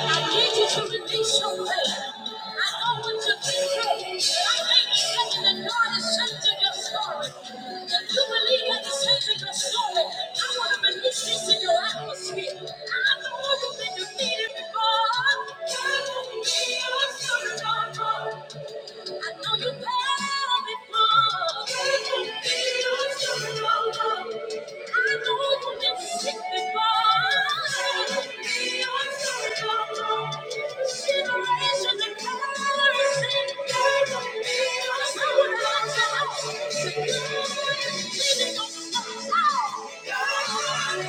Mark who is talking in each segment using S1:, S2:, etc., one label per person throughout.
S1: I need you to release your weight. I know what you've been through. I may be heaven and not is changing your story. If you believe at the changing your story, I want to release this in your atmosphere. I know you've been defeated before. Can you be your turnaround? Thank you. He's calling my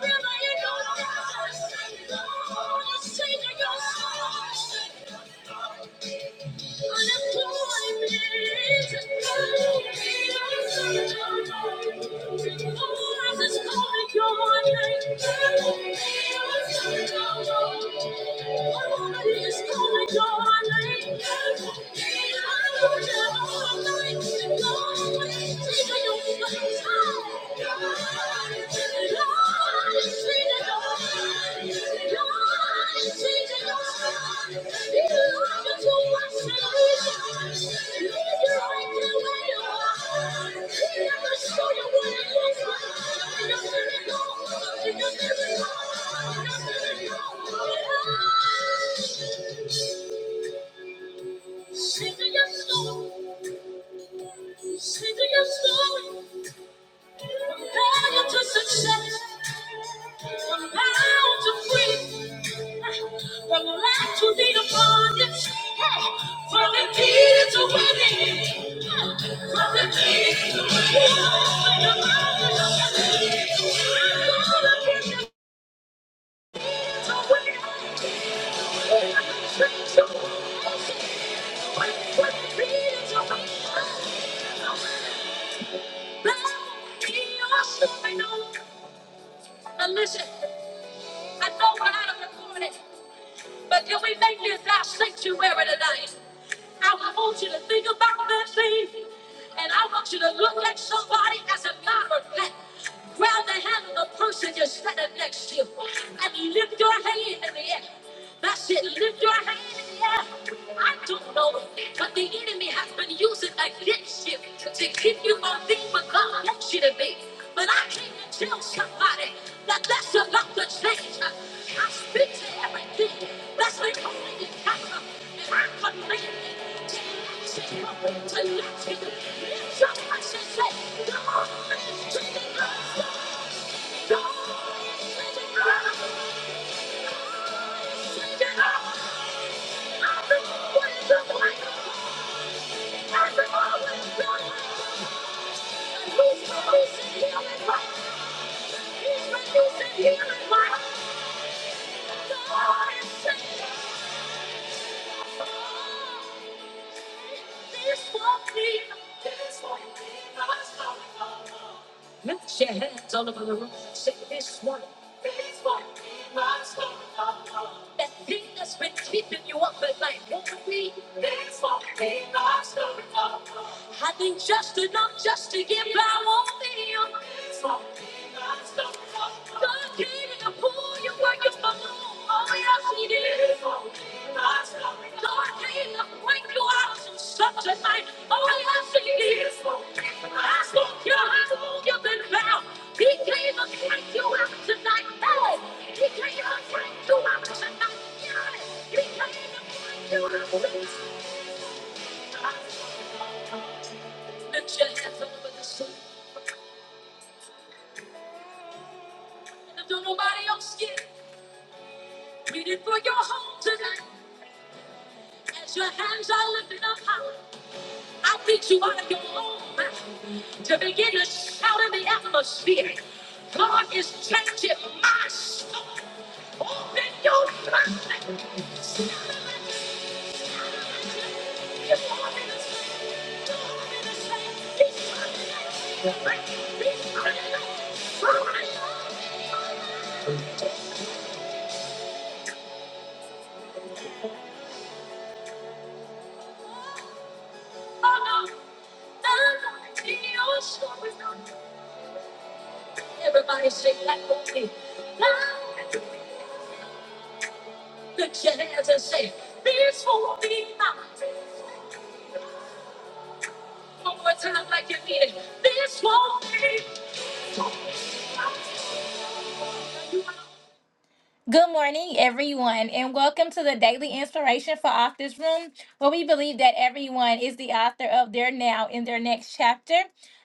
S1: river, you know. Lord, it's changing your soul. Thank you. Sing your story, sing your story, how you to success. From from the life you lead upon you. Hey, from to to to free, upon winning, winning. you the key to winning. Listen, I know we're out of the corner. But can we make this our sanctuary tonight? I want you to think about that thing, and I want you to look at somebody as a matter of fact. Grab the hand of the person you're standing next to, and lift your hand in the air. That's it. Lift your hand in the air. I don't know, but the enemy has been. Using it against you to keep you from being what God wants you to be. But I came to tell somebody that that's about to change. I speak to everything that's been holding you captive, and I command it to let you go, to let you go. Lift your voice and say, God is changing me. God is changing me. God is changing me. I've been always a liar. I've been always a liar. Who's the reason you're in my Lift your hands all over the room. Say this one. That thing that's been keeping you up at night won't be. I need just enough just to get by. Won't be. God came to pull you where you belong. Oh yes, He did. Lord, hey, I point you out from stuff tonight. Oh, I love to hear I saw you, is I saw you have all you've been bound. He came to break you out tonight. Hey, he came to break you out tonight. Yeah, he came to break you out tonight. Lift your hands all over the sun. And don't nobody else get Read for your home tonight. As your hands are lifted up high, I beat you out of your home. to begin to shout in the atmosphere. God is changing my soul. Open your mouth. Everybody sing that with me. Light The jazz and say, this won't be mine. One more time like you mean it. This won't be mine. Good morning, everyone, and welcome to the Daily Inspiration for Authors Room, where we believe that everyone is the author of their now in their next chapter.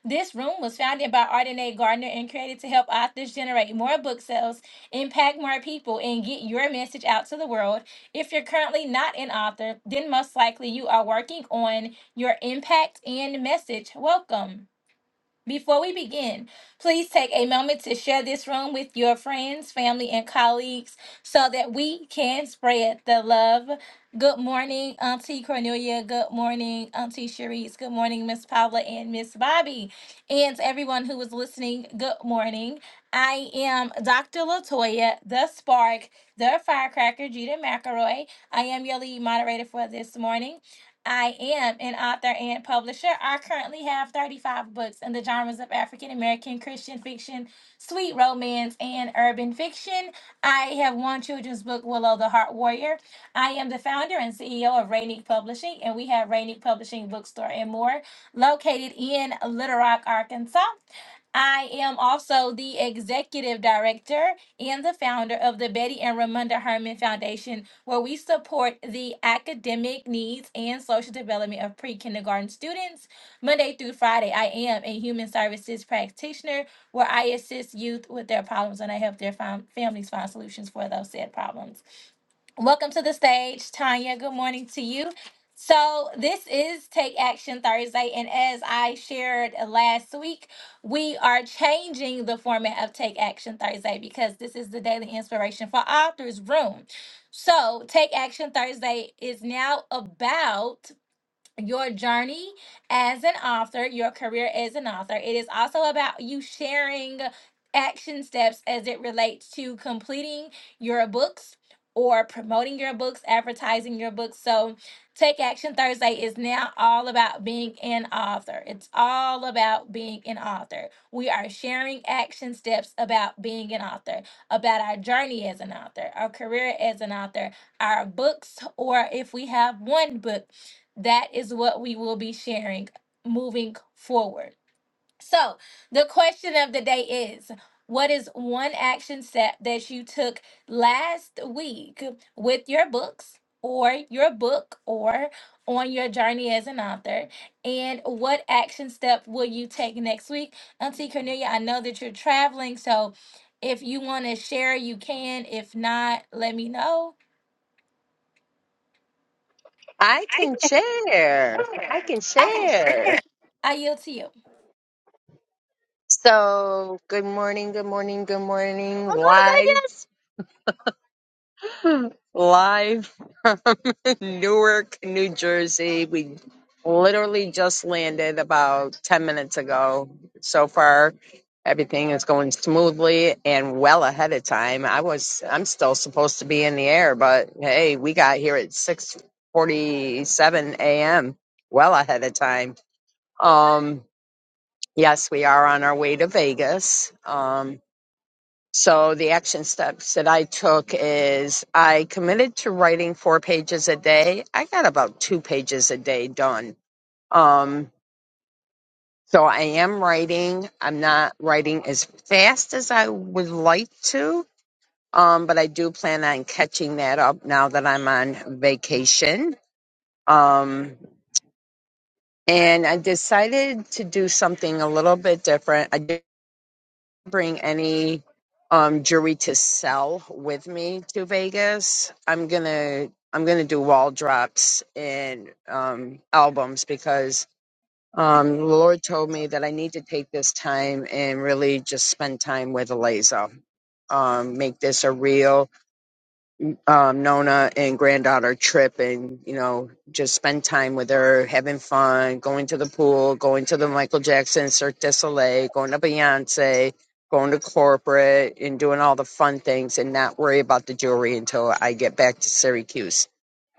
S1: This room was founded by Ardenae Gardner and created to help authors generate more book sales, impact more people, and get your message out to the world. If you're currently not an author, then most likely you are working on your impact and message. Welcome. Before we begin, please take a moment to share this room with your friends, family, and colleagues so that we can spread the love. Good morning, Auntie Cornelia. Good morning, Auntie Cherise. Good morning, Miss Paula and Miss Bobby. And to everyone who is listening, good morning. I am Dr. Latoya, the Spark, the Firecracker, Gita McElroy. I am your lead moderator for this morning. I am an author and publisher. I currently have 35 books in the genres of African American Christian fiction, sweet romance, and urban fiction. I have one children's book, Willow the Heart Warrior. I am the founder and CEO of Rainique Publishing, and we have Rainique Publishing Bookstore and more located in Little Rock, Arkansas. I am also the executive director and the founder of the Betty and Ramunda Herman Foundation, where we support the academic needs and social development of pre kindergarten students. Monday through Friday, I am a human services practitioner where I assist youth with their problems and I help their fam- families find solutions for those said problems. Welcome to the stage, Tanya. Good morning to you. So, this is Take Action Thursday, and as I shared last week, we are changing the format of Take Action Thursday because this is the daily inspiration for authors room. So, Take Action Thursday is now about your journey as an author, your career as an author. It is also about you sharing action steps as it relates to completing your books or promoting your books, advertising your books. So, Take Action Thursday is now all about being an author. It's all about being an author. We are sharing action steps about being an author, about our journey as an author, our career as an author, our books, or if we have one book that is what we will be sharing moving forward. So, the question of the day is what is one action step that you took last week with your books or your book or on your journey as an author? And what action step will you take next week? Auntie Cornelia, I know that you're traveling, so if you want to share, you can. If not, let me know.
S2: I can share. I can
S1: Okay,
S2: share.
S1: I yield to you.
S2: So, good morning, good morning, good morning. Oh, Live, live, Newark, New Jersey. We literally just landed about 10 minutes ago. So far, everything is going smoothly and well ahead of time. I was, I'm still supposed to be in the air, but hey, we got here at 6:47 a.m. Well ahead of time. Um, Yes, we are on our way to Vegas. Um, so the action steps that I took is I committed to writing four pages a day. I got about two pages a day done. Um, so I am writing. I'm not writing as fast as I would like to, um, but I do plan on catching that up now that I'm on vacation. Um, and I decided to do something a little bit different. I bring any um jewelry to sell with me to Vegas. I'm gonna I'm gonna do wall drops and um albums because um the Lord told me that I need to take this time and really just spend time with Eliza. Um make this a real um, Nona and granddaughter trip and, you know, just spend time with her, having fun, going to the pool, going to the Michael Jackson Cirque du Soleil, going to Beyonce, going to corporate and doing all the fun things and not worry about the jewelry until I get back to Syracuse,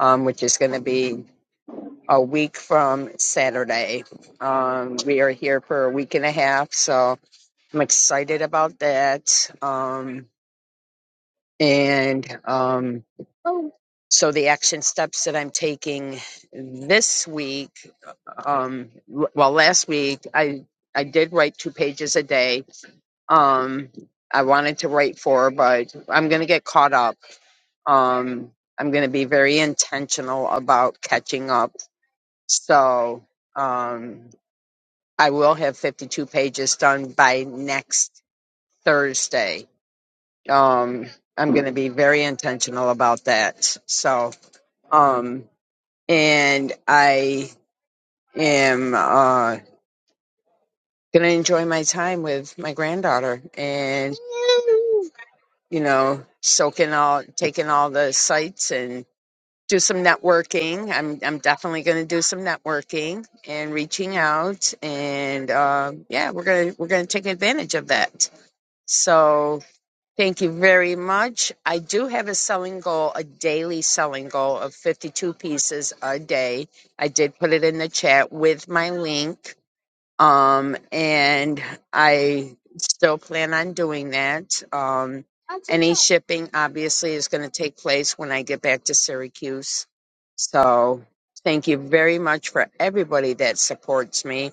S2: um, which is going to be a week from Saturday. Um, we are here for a week and a half, so I'm excited about that. Um, and, um, so the action steps that I'm taking this week, um, l- well, last week I I did write two pages a day. Um, I wanted to write four, but I'm gonna get caught up. Um, I'm gonna be very intentional about catching up. So um, I will have 52 pages done by next Thursday. Um, I'm gonna be very intentional about that. So. Um, and I am uh, gonna enjoy my time with my granddaughter, and you know, soaking all, taking all the sights, and do some networking. I'm I'm definitely gonna do some networking and reaching out, and uh, yeah, we're gonna we're gonna take advantage of that. So. Thank you very much. I do have a selling goal, a daily selling goal of 52 pieces a day. I did put it in the chat with my link Um, and I still plan on doing that. Um, any shipping obviously is going to take place when I get back to Syracuse. So thank you very much for everybody that supports me.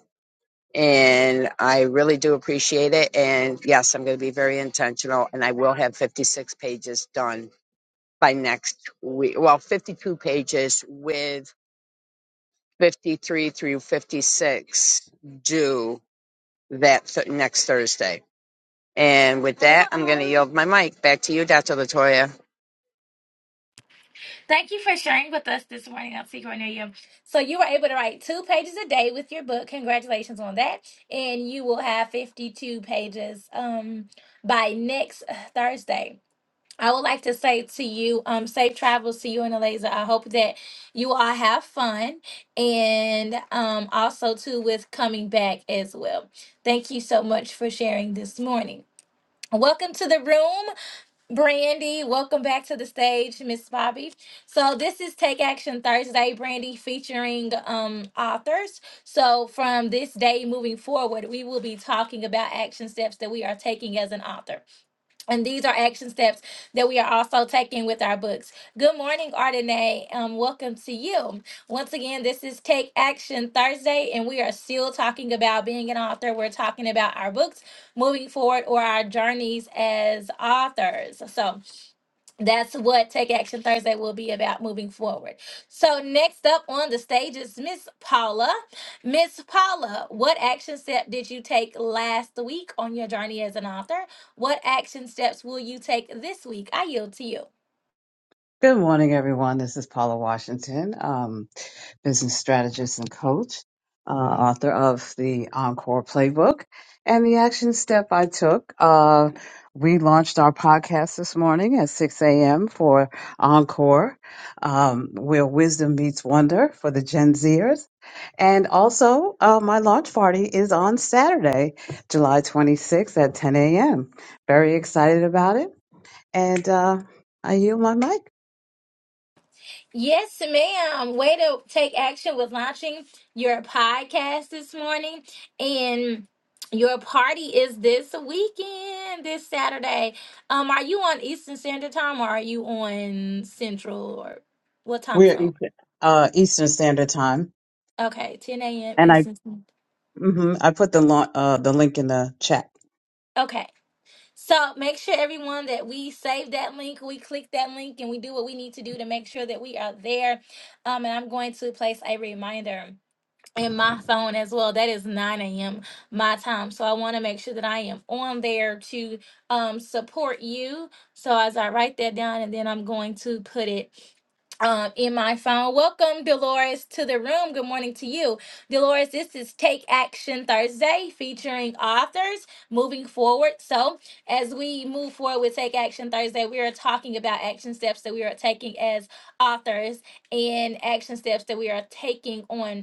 S2: And I really do appreciate it. And yes, I'm going to be very intentional and I will have 56 pages done by next week. Well, 52 pages with 53 through 56 due that th- next Thursday. And with that, I'm going to yield my mic back to you, Dr. Latoya.
S1: Thank you for sharing with us this morning on Secret Near You. So you were able to write two pages a day with your book. Congratulations on that. And you will have 52 pages um by next uh, Thursday. I would like to say to you, um, safe travels to you and Eliza. I hope that you all have fun and um also too with coming back as well. Thank you so much for sharing this morning. Welcome to the room. Brandy, welcome back to the stage, Miss Bobby. So this is Take Action Thursday, Brandy, featuring um authors. So from this day moving forward, we will be talking about action steps that we are taking as an author. And these are action steps that we are also taking with our books. Good morning, Ardenae. Um, welcome to you. Once again, this is Take Action Thursday, and we are still talking about being an author. We're talking about our books moving forward or our journeys as authors. So that's what Take Action Thursday will be about moving forward. So, next up on the stage is Miss Paula. Miss Paula, what action step did you take last week on your journey as an author? What action steps will you take this week? I yield to you.
S3: Good morning, everyone. This is Paula Washington, um, business strategist and coach, uh, author of the Encore Playbook and the action step I took. Uh, we launched our podcast this morning at 6 a.m. for Encore, um, where wisdom meets wonder for the Gen Zers. And also, uh, my launch party is on Saturday, July 26th at 10 a.m. Very excited about it. And uh, I yield my mic.
S1: Yes, ma'am. Way to take action with launching your podcast this morning. And your party is this weekend, this Saturday. Um, are you on Eastern Standard Time or are you on Central or what time
S3: We're
S1: zone?
S3: Eastern, uh, Eastern Standard Time,
S1: Okay, 10 a.m.
S3: and I
S1: Eastern. Standard.
S3: hmm I put the lo- uh, the link in the chat.
S1: Okay. So make sure everyone that we save that link, we click that link, and we do what we need to do to make sure that we are there. Um, and I'm going to place a reminder. in my phone as well. That is 9 a.m. my time. So I want to make sure that I am on there to um, support you. So as I write that down, and then I'm going to put it. Um, in my phone. Welcome, Dolores, to the room. Good morning to you. Dolores, this is Take Action Thursday featuring authors moving forward. So, as we move forward with Take Action Thursday, we are talking about action steps that we are taking as authors and action steps that we are taking on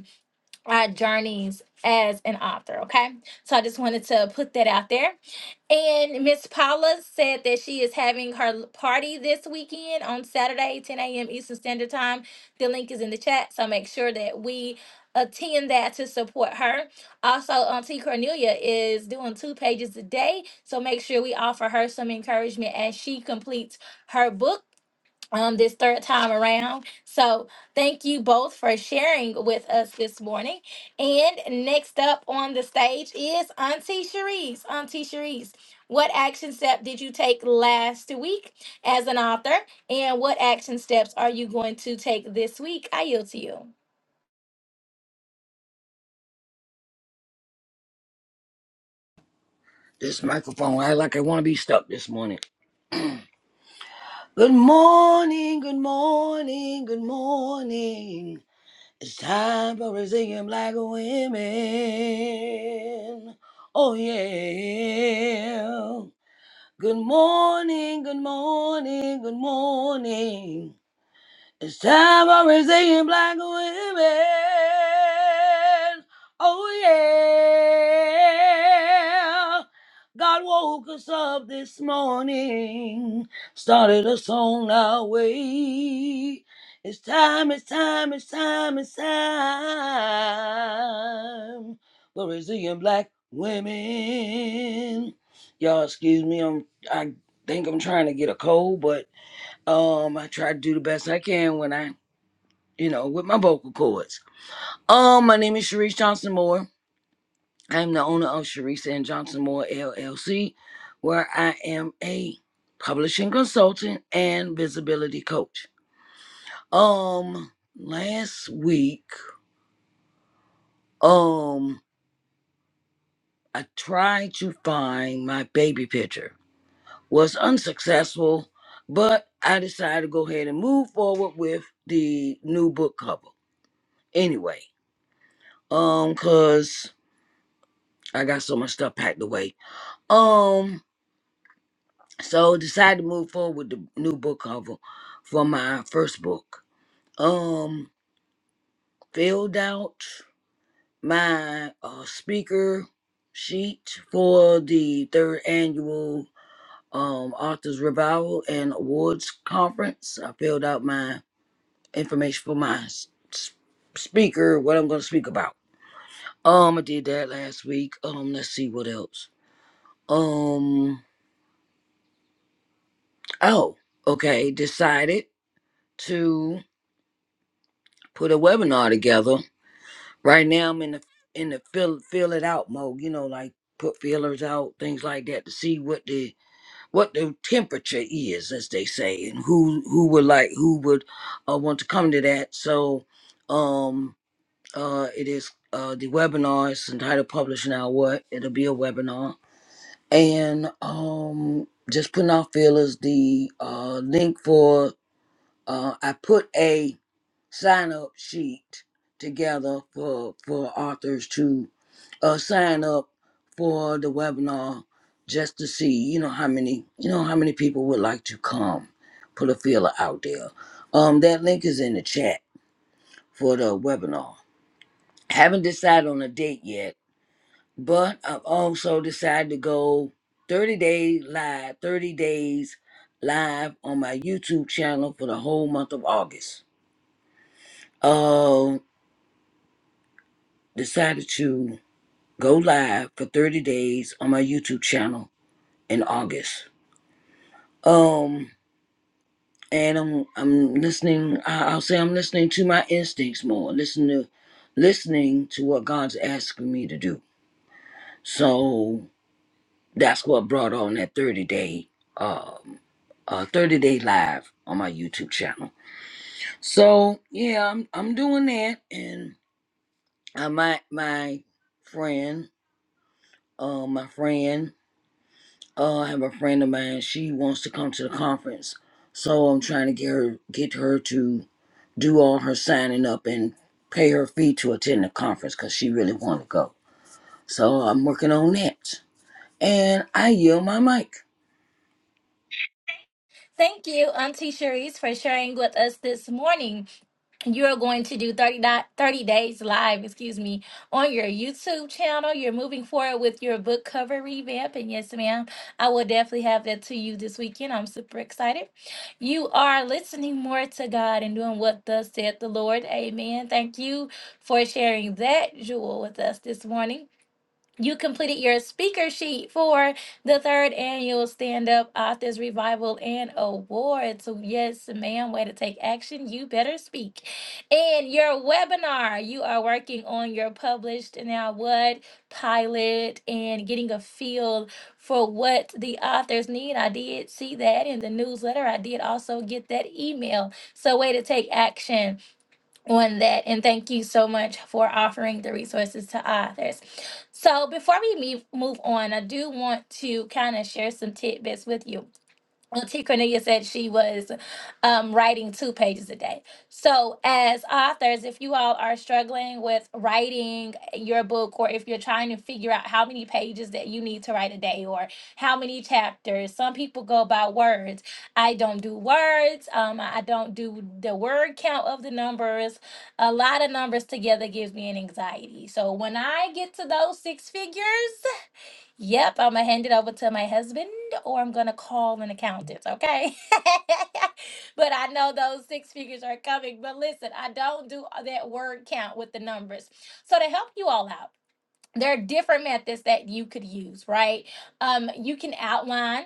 S1: our journeys as an author. Okay. So I just wanted to put that out there. And Miss Paula said that she is having her l- party this weekend on Saturday, 10 a.m. Eastern Standard Time. The link is in the chat. So make sure that we attend that to support her. Also, Auntie Cornelia is doing two pages a day. So make sure we offer her some encouragement as she completes her book um, this third time around. So, thank you both for sharing with us this morning. And next up on the stage is Auntie Cherise. Auntie Cherise, what action step did you take last week as an author? And what action steps are you going to take this week? I yield to you.
S4: This microphone act like I want to be stuck this morning. Good morning, good morning, good morning. It's time for Brazilian black women. Oh yeah. Good morning, good morning, good morning. It's time for resilient black women. Oh yeah. God woke us up this morning, started us on our way. It's time, it's time, it's time, it's time for resilient black women. Y'all, excuse me, I'm I think I'm trying to get a cold, but um, I try to do the best I can when I, you know, with my vocal cords. Um, my name is Sharice Johnson Moore. I am the owner of Sharice and Johnson Moore LLC, where I am a publishing consultant and visibility coach. Um, last week, um, I tried to find my baby picture. Was unsuccessful, but I decided to go ahead and move forward with the new book cover. Anyway, um cuz i got so much stuff packed away um so decided to move forward with the new book cover for my first book um filled out my uh speaker sheet for the third annual um authors revival and awards conference i filled out my information for my s- s- speaker what i'm going to speak about um i did that last week um let's see what else um Oh, okay. Decided to put a webinar together. Right now, I'm in the in the fill fill it out mode. You know, like put feelers out, things like that, to see what the what the temperature is, as they say, and who who would like who would uh, want to come to that. So, um, uh, it is uh the webinar is entitled "Publish Now What." It'll be a webinar, and um, just putting out feelers. The uh link for uh I put a sign up sheet together for for authors to uh, sign up for the webinar just to see you know how many you know how many people would like to come put a feeler out there um that link is in the chat for the webinar haven't decided on a date yet but i've also decided to go 30 days live 30 days live on my youtube channel for the whole month of august um decided to go live for 30 days on my YouTube channel in August. Um, and I'm I'm listening. I- I'll say I'm listening to my instincts more. Listen to, listening to what God's asking me to do. So that's what brought on that 30 day um uh 30 day live on my YouTube channel. So yeah, I'm I'm doing that, and I my my friend, uh, my friend. Uh, I have a friend of mine. She wants to come to the conference, so I'm trying to get her get her to do all her signing up and pay her fee to attend the conference because she really want to go. So I'm working on that, and I yield my mic.
S1: Thank you, Auntie Cherise, for sharing with us this morning. You're going to do 30, di- 30 days live, excuse me, on your YouTube channel. You're moving forward with your book cover revamp. And yes, ma'am, I will definitely have that to you this weekend. I'm super excited. You are listening more to God and doing what thus said the Lord. Amen. Thank you for sharing that jewel with us this morning. You completed your speaker sheet for the third annual Stand Up Authors Revival and Awards. So, yes, ma'am, way to take action. You better speak. And your webinar, you are working on your published now what pilot and getting a feel for what the authors need. I did see that in the newsletter. I did also get that email. So, way to take action on that and thank you so much for offering the resources to authors so before we move, move on i do want to kind of share some tidbits with you well, T. Cornelia said she was um, writing two pages a day. So, as authors, if you all are struggling with writing your book, or if you're trying to figure out how many pages that you need to write a day, or how many chapters, some people go by words. I don't do words. Um, I don't do the word count of the numbers. A lot of numbers together gives me an anxiety. So, when I get to those six figures, Yep, I'm gonna hand it over to my husband or I'm gonna call an accountant, okay? but I know those six figures are coming. But listen, I don't do that word count with the numbers. So to help you all out, there are different methods that you could use, right? Um, you can outline.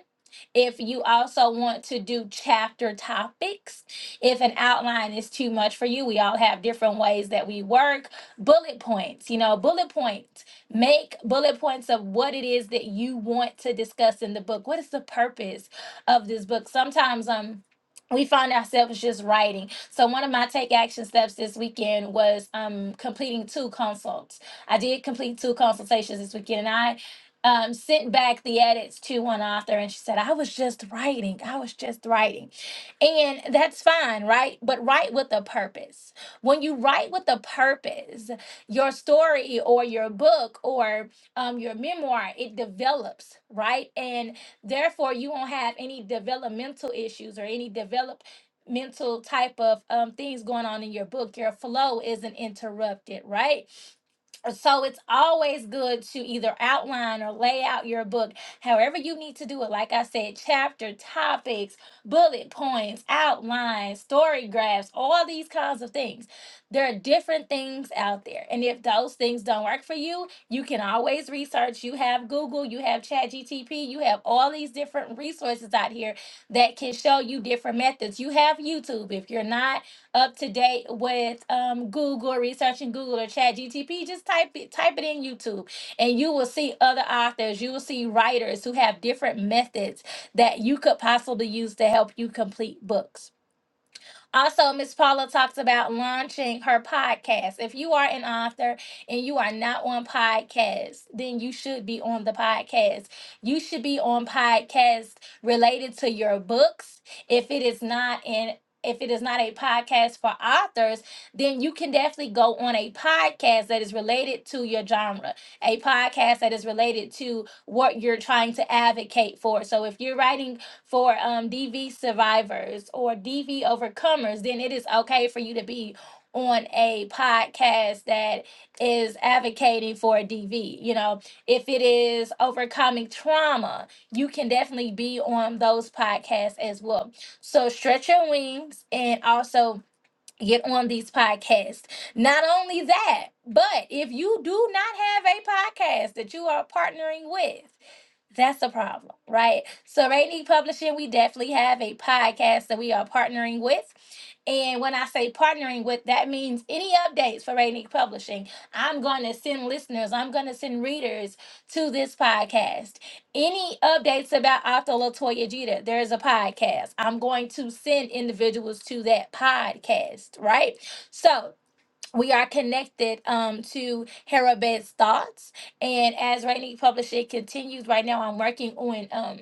S1: If you also want to do chapter topics, if an outline is too much for you, we all have different ways that we work. Bullet points, you know, bullet points. Make bullet points of what it is that you want to discuss in the book. What is the purpose of this book? Sometimes um we find ourselves just writing. So one of my take action steps this weekend was um completing two consults. I did complete two consultations this weekend, and I um, sent back the edits to one author, and she said, "I was just writing. I was just writing," and that's fine, right? But write with a purpose. When you write with a purpose, your story or your book or um, your memoir it develops, right? And therefore, you won't have any developmental issues or any developmental type of um, things going on in your book your flow isn't interrupted right so it's always good to either outline or lay out your book however you need to do it like i said chapter topics bullet points outlines story graphs all these kinds of things there are different things out there and if those things don't work for you you can always research you have google you have chat you have all these different resources out here that can show you different methods you have youtube if you're not up to date with um, Google, researching Google or Chat GTP, just type it, type it in YouTube, and you will see other authors. You will see writers who have different methods that you could possibly use to help you complete books. Also, Miss Paula talks about launching her podcast. If you are an author and you are not on podcast, then you should be on the podcast. You should be on podcasts related to your books. If it is not in if it is not a podcast for authors, then you can definitely go on a podcast that is related to your genre, a podcast that is related to what you're trying to advocate for. So if you're writing for um, DV survivors or DV overcomers, then it is okay for you to be on a podcast that is advocating for DV. You know, if it is overcoming trauma, you can definitely be on those podcasts as well. So stretch your wings and also get on these podcasts. Not only that, but if you do not have a podcast that you are partnering with, that's the problem, right? So, Rainy Publishing, we definitely have a podcast that we are partnering with. And when I say partnering with, that means any updates for Rainy Publishing, I'm going to send listeners, I'm going to send readers to this podcast. Any updates about Otto Latoya Jeter, there is a podcast. I'm going to send individuals to that podcast, right? So we are connected um, to Harabed's thoughts. And as Rainy Publishing continues right now, I'm working on. um,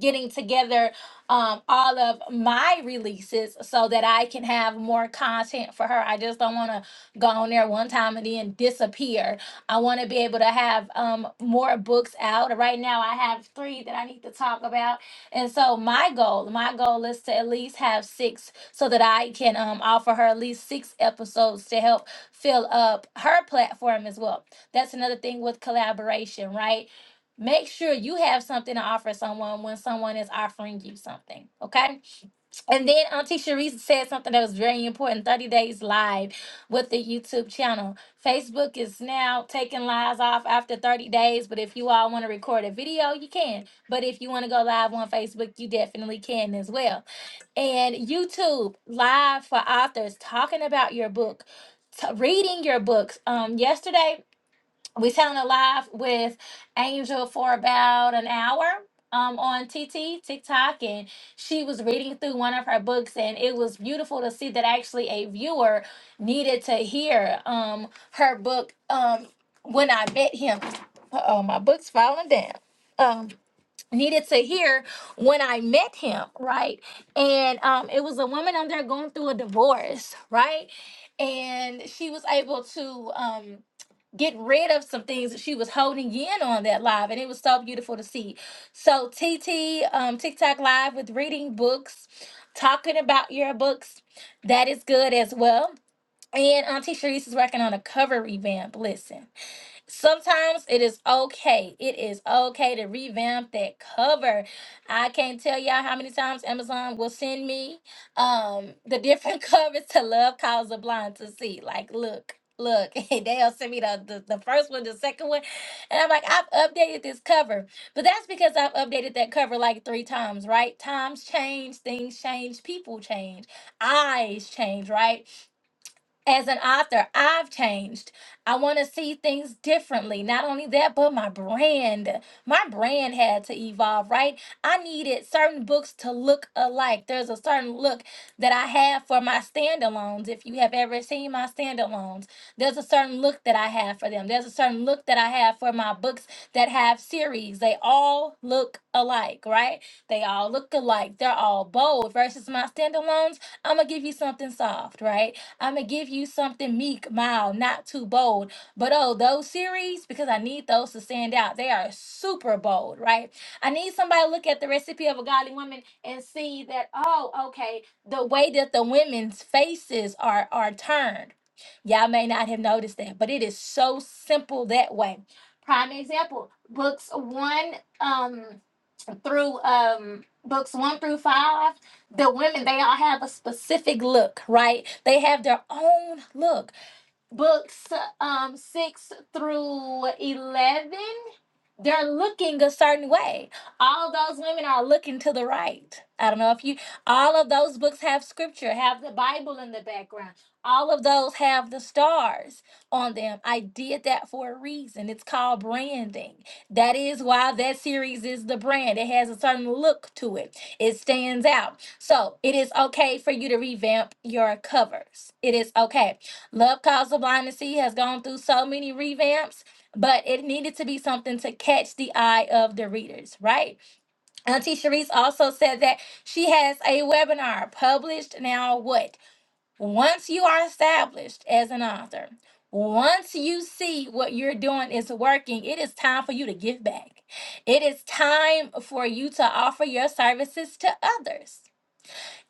S1: getting together um, all of my releases so that I can have more content for her. I just don't want to go on there one time and then disappear. I want to be able to have um, more books out. Right now, I have three that I need to talk about. And so, my goal, my goal is to at least have six so that I can um, offer her at least six episodes to help fill up her platform as well. That's another thing with collaboration, right? Make sure you have something to offer someone when someone is offering you something. Okay. And then Auntie Sharice said something that was very important 30 days live with the YouTube channel. Facebook is now taking lives off after 30 days, but if you all want to record a video, you can. But if you want to go live on Facebook, you definitely can as well. And YouTube live for authors talking about your book. t- reading your books. Um, yesterday we sat on the live with Angel for about an hour um, on TT, TikTok, and she was reading through one of her books, and it was beautiful to see that actually a viewer needed to hear um, her book, um, When I Met Him. Oh, my book's falling down. Um, needed to hear when I met him, right? And um, it was a woman on there going through a divorce, right? And she was able to. Um, get rid of some things that she was holding in on that live and it was so beautiful to see so tt um tiktok live with reading books talking about your books that is good as well and auntie Sharice is working on a cover revamp listen Sometimes it is okay. It is okay to revamp that cover. I can't tell y'all how many times Amazon will send me um the different covers to Love Calls the Blind to see. Like, look, look, they'll send me the, the the first one, the second one, and I'm like, I've updated this cover, but that's because I've updated that cover like three times, right? Times change, things change, people change, eyes change, right? as an author, I've changed. I want to see things differently. Not only that, but my brand. My brand had to evolve, right? I needed certain books to look alike. There's a certain look that I have for my standalones. If you have ever seen my standalones, there's a certain look that I have for them. There's a certain look that I have for my books that have series. They all look alike, right? They all look alike. They're all bold versus my standalones. I'm going to give you something soft, right? I'm gonna give you something meek, mild, not too bold. But oh, those series, because I need those to stand out. They are super bold, right? I need somebody to look at the recipe of a godly woman and see that, oh, okay, the way that the women's faces are are turned. Y'all may not have noticed that, but it is so simple that way. Prime example, books one, um, through um books one through five the women they all have a specific look right they have their own look books um six through 11 they're looking a certain way. All those women are looking to the right. I don't know if you, all of those books have scripture, have the Bible in the background. All of those have the stars on them. I did that for a reason. It's called branding. That is why that series is the brand. It has a certain look to it, it stands out. So it is okay for you to revamp your covers. It is okay. Love Cause the Blind to See has gone through so many revamps but it needed to be something to catch the eye of the readers, right? Auntie Sharice also said that she has a webinar published now. What? Once you are established as an author, once you see what you're doing is working, it is time for you to give back. It is time for you to offer your services to others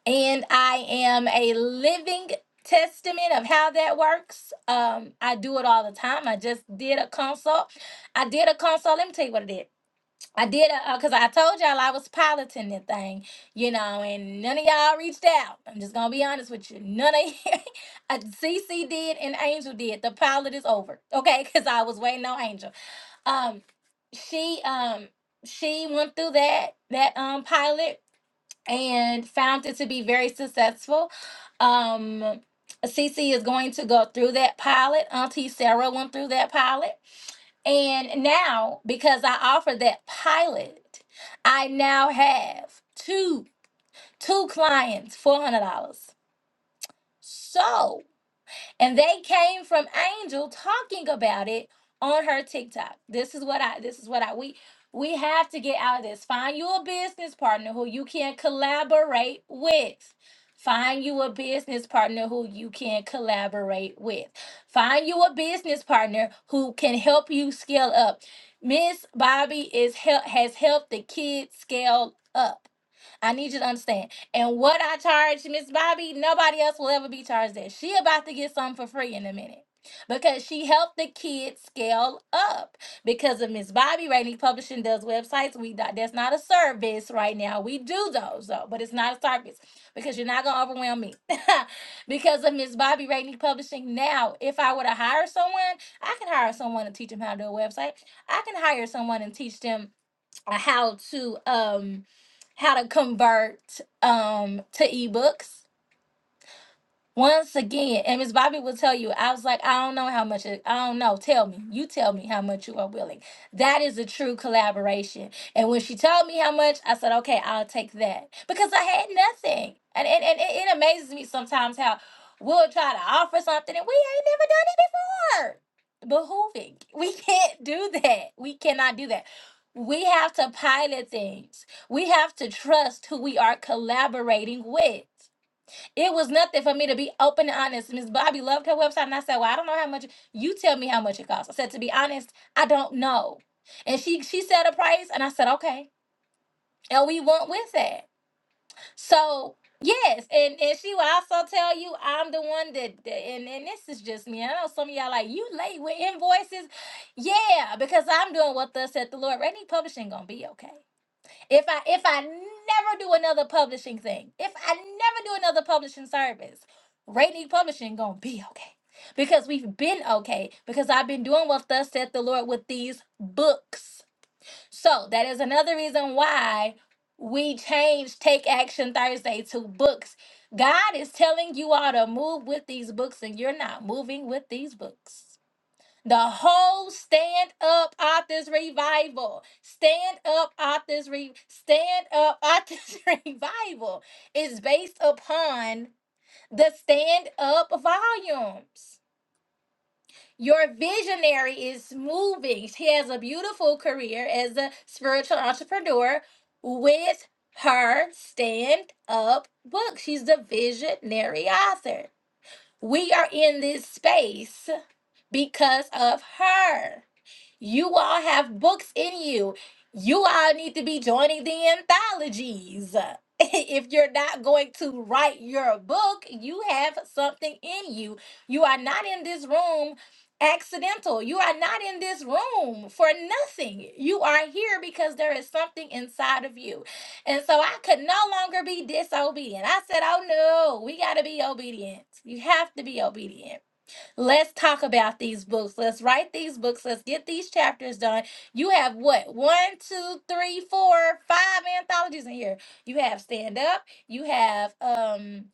S1: and I am a living testament of how that works. Um, I do it all the time. I just did a consult. I did a consult. Let me tell you what I did. I did a because I told y'all I was piloting the thing, you know, and none of y'all reached out. I'm just gonna be honest with you. None of uh, CC did and Angel did. The pilot is over, okay? Because I was waiting on Angel. Um, she um she went through that that um pilot and found it to be very successful. Um, Cece is going to go through that pilot. Auntie Sarah went through that pilot. And now, because I offered that pilot, I now have two two clients, $400. So, and they came from Angel talking about it on her TikTok. This is what I this is what I we we have to get out of this. Find you a business partner who you can collaborate with. Find you a business partner who you can collaborate with. Find you a business partner who can help you scale up. Miss Bobby is help has helped the kids scale up. I need you to understand. And what I charge Miss Bobby, nobody else will ever be charged that. She about to get something for free in a minute. Because she helped the kids scale up because of Miss Bobby. Rainey Publishing does websites. We not- that's not a service right now. We do those though, but it's not a service because you're not gonna overwhelm me. because of Miss Bobby Rainey Publishing. Now, if I were to hire someone, I can hire someone to teach them how to do a website. I can hire someone and teach them how to um how to convert um to ebooks once again, and Miss Bobby will tell you, I was like, I don't know how much, it, I don't know. Tell me. You tell me how much you are willing. That is a true collaboration. And when she told me how much, I said, okay, I'll take that because I had nothing. And, and, and it, it amazes me sometimes how we'll try to offer something and we ain't never done it before behooving. We can't do that. We cannot do that. We have to pilot things. We have to trust who we are collaborating with. It was nothing for me to be open and honest. Miss Bobby loved her website, and I said, "Well, I don't know how much. You tell me how much it costs." I said, "To be honest, I don't know." And she she said a price, and I said, "Okay," and we went with that. So yes, and and she will also tell you I'm the one that, that- and and this is just me. I know some of y'all like you late with invoices, yeah, because I'm doing what thus said the Lord. Any publishing gonna be okay. If I if I never do another publishing thing, if I never do another publishing service, Rainy Publishing gonna be okay. Because we've been okay, because I've been doing what thus saith the Lord with these books. So that is another reason why we changed Take Action Thursday to books. God is telling you all to move with these books, and you're not moving with these books. The whole stand up authors revival. Stand up authors re stand up authors revival is based upon the stand up volumes. Your visionary is moving. She has a beautiful career as a spiritual entrepreneur with her stand up book. She's the visionary author. We are in this space because of her. You all have books in you. You all need to be joining the anthologies. If you're not going to write your book, you have something in you. You are not in this room accidental. You are not in this room for nothing. You are here because there is something inside of you. And so I could no longer be disobedient. I said, Oh no, we got to be obedient. You have to be obedient. Let's talk about these books. Let's write these books. Let's get these chapters done. You have what? One, two, three, four, five anthologies in here. You have Stand Up. You have um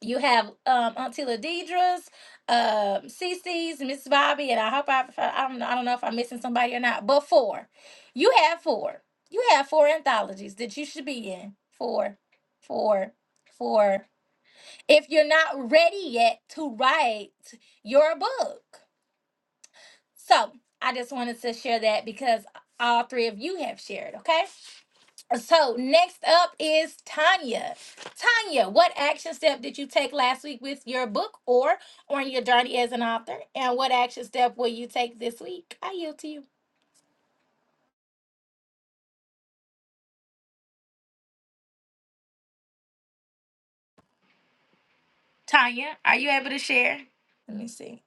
S1: you have um Auntie Ladidra's, um Cece's, Miss Bobby, and I hope I I don't know, I don't know if I'm missing somebody or not, but four. You have four. You have four anthologies that you should be in. Four, four, four if you're not ready yet to write your book. So I just wanted to share that because all three of you have shared, okay? So next up is Tanya. Tanya, what action step did you take last week with your book or on your journey as an author? And what action step will you take this week? I yield to you. Tanya, are you able to share? Let me see.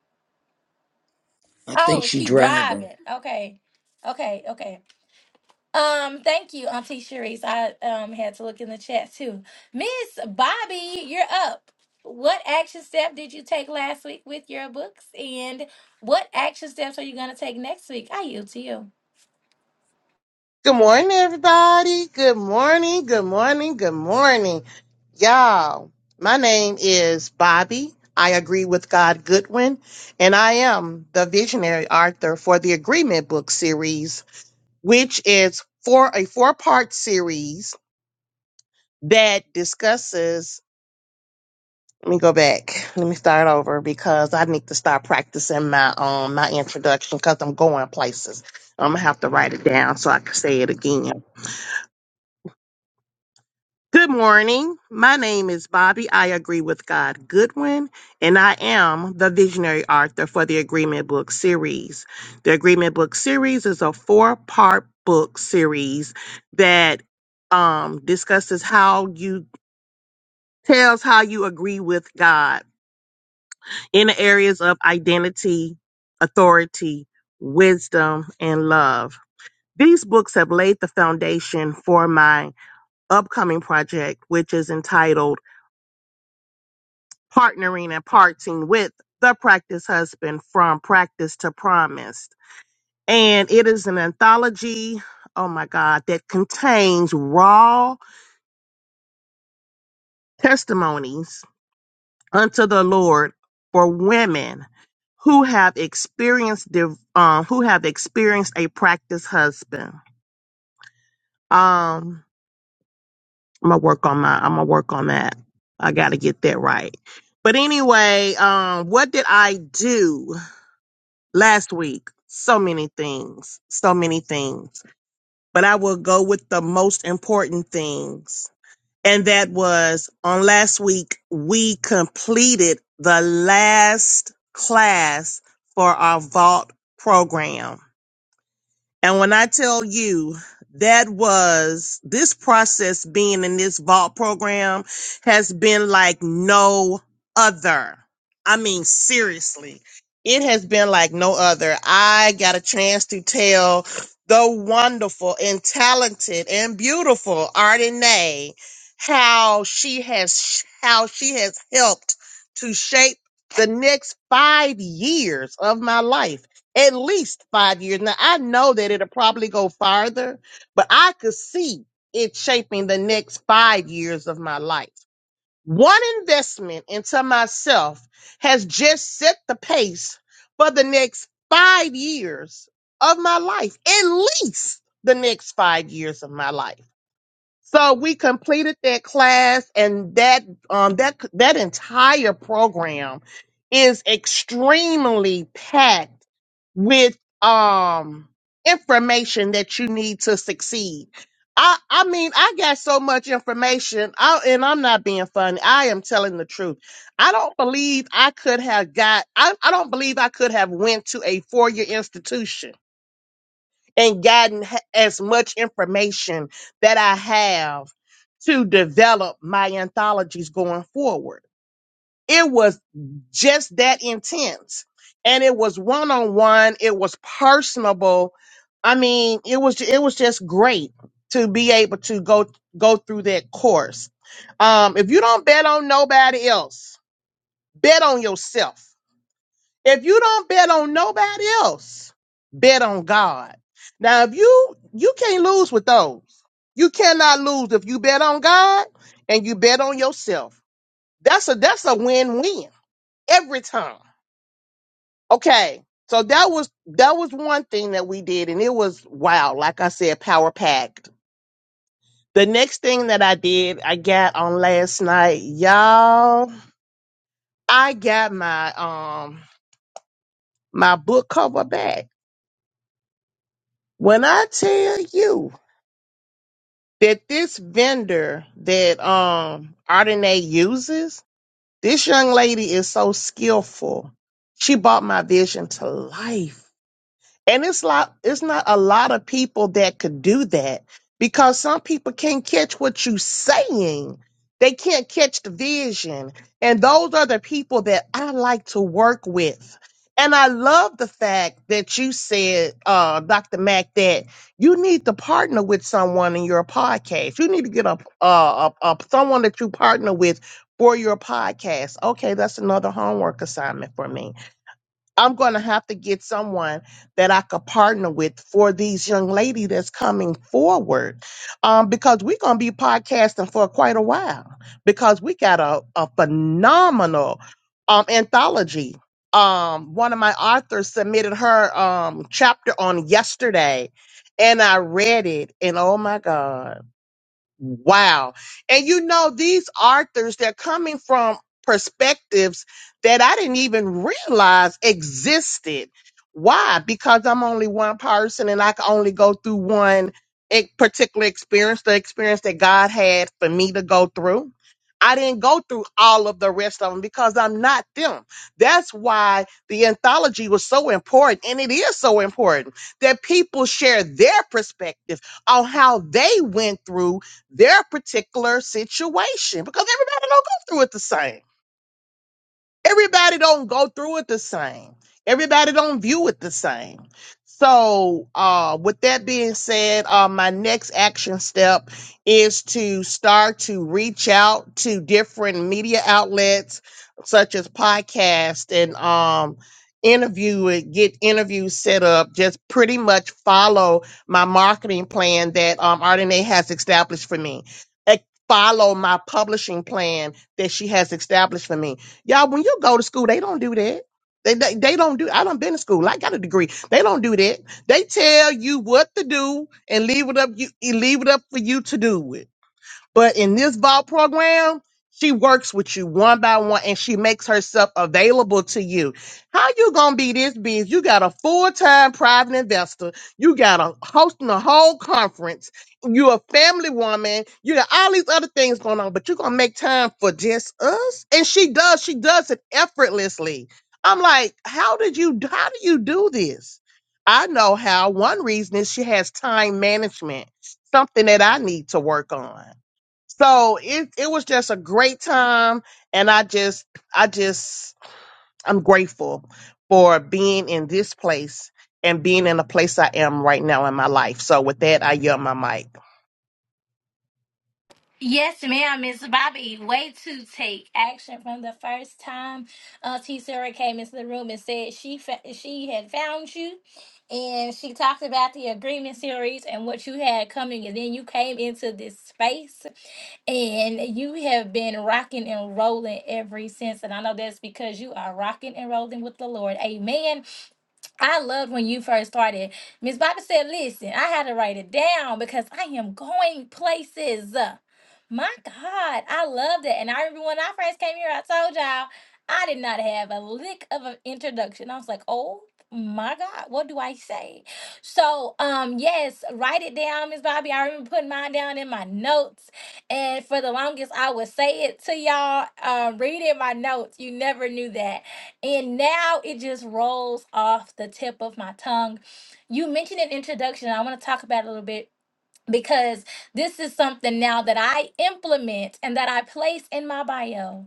S4: I think
S1: Oh,
S4: she
S1: she's
S4: driving.
S1: driving. Okay. Okay. Okay. Um, thank you, Auntie Sharice. I um had to look in the chat too. Miss Bobby, you're up. What action step did you take last week with your books, and what action steps are you gonna take next week? I yield to you.
S5: Good morning, everybody. Good morning. Good morning. Good morning. Y'all, my name is Bobby. I agree with God Goodwin, and I am the visionary author for the Agreement Book series, which is for a four part series that discusses. Let me go back. Let me start over because I need to start practicing my um my introduction because I'm going places. I'm gonna have to write it down so I can say it again. Good morning. My name is Bobby. I agree with God Goodwin, and I am the visionary author for the Agreement Book Series. The Agreement Book Series is a four part book series that um, discusses how you tells how you agree with God in the areas of identity, authority, wisdom, and love. These books have laid the foundation for my upcoming project, which is entitled partnering and parting with the practice husband from practice to promised and it is an anthology oh my god that contains raw testimonies unto the lord for women who have experienced div- um, who have experienced a practice husband um i'm gonna work on my i'm gonna work on that i gotta get that right but anyway um what did i do last week. So many things, so many things. But I will go with the most important things. And that was on last week, we completed the last class for our vault program. And when I tell you that was this process being in this vault program has been like no other. I mean, seriously, it has been like no other. I got a chance to tell the wonderful and talented and beautiful Ardenay how she has how she has helped to shape the next five years of my life at least five years. Now I know that it'll probably go farther, but I could see it shaping the next five years of my life. One investment into myself has just set the pace for the next five years of my life, at least the next five years of my life. So we completed that class, and that um, that that entire program is extremely packed with um, information that you need to succeed. I I mean, I got so much information, I, and I'm not being funny. I am telling the truth. I don't believe I could have got. I, I don't believe I could have went to a four year institution and gotten h- as much information that I have to develop my anthologies going forward. It was just that intense. And it was one on one, it was personable. I mean, it was it was just great to be able to go go through that course. Um, if you don't bet on nobody else, bet on yourself if you don't bet on nobody else, bet on God. Now, if you you can't lose with those, you cannot lose if you bet on God and you bet on yourself. That's a that's a win win every time. Okay, so that was that was one thing that we did, and it was wow. Like I said, power packed. The next thing that I did, I got on last night, y'all. I got my um my book cover back. When I tell you. that this vendor that um Ardenae uses, this young lady is so skillful. She brought my vision to life. And it's lot it's not a lot of people that could do that because some people can't catch what you're saying. They can't catch the vision. And those are the people that I like to work with. And I love the fact that you said, uh, Dr. Mack, that you need to partner with someone in your podcast. You need to get a, a, a, a someone that you partner with for your podcast. Okay, that's another homework assignment for me I'm going to have to get someone that I could partner with for these young lady that's coming forward, um, because we're going to be podcasting for quite a while because we got a, a phenomenal um, anthology. Um, one of my authors submitted her um, chapter on yesterday, and I read it, and oh my god! Wow. And you know, these authors, they're coming from perspectives that I didn't even realize existed. Why? Because I'm only one person and I can only go through one e- particular experience, the experience that God had for me to go through. I didn't go through all of the rest of them because I'm not them. That's why the anthology was so important, and it is so important that people share their perspective on how they went through their particular situation because everybody don't go through it the same everybody don't go through it the same everybody don't view it the same so uh with that being said uh my next action step is to start to reach out to different media outlets such as podcast and um interview it get interviews set up just pretty much follow my marketing plan that um Ardenae has established for me Eh, follow my publishing plan that she has established for me Y'all, when you go to school, they don't do that. They, they, they don't do, I done been to school. I got a degree. They don't do that. They tell you what to do and leave it up, you, leave it up for you to do it. But in this vault program, she works with you one by one and she makes herself available to you. How you gonna be this busy? You got a full-time private investor, you got a hosting a whole conference, you're a family woman, you got all these other things going on, but you're gonna make time for just us? And she does, she does it effortlessly. I'm like, how did you how do you do this? I know how. One reason is she has time management, something that I need to work on. So it it was just a great time and I just I just I'm grateful for being in this place and being in the place I am right now in my life. So with that I yield my mic.
S1: Yes, ma'am, Miss Bobby. Way to take action from the first time uh, T. Sarah came into the room and said she fa- she had found you, and she talked about the agreement series and what you had coming, and then you came into this space, and you have been rocking and rolling ever since. And I know that's because you are rocking and rolling with the Lord. Amen. I loved when you first started. Miss Bobby said, listen, I had to write it down because I am going places. My God, I loved it. And I remember when I first came here, I told y'all I did not have a lick of an introduction. I was like, oh my God, what do I say? So um yes, write it down, Miss Bobby. I remember putting mine down in my notes. And for the longest I would say it to y'all, uh, read in my notes. You never knew that and now it just rolls off the tip of my tongue. You mentioned an introduction. and I want to talk about it a little bit because this is something now that I implement and that I place in my bio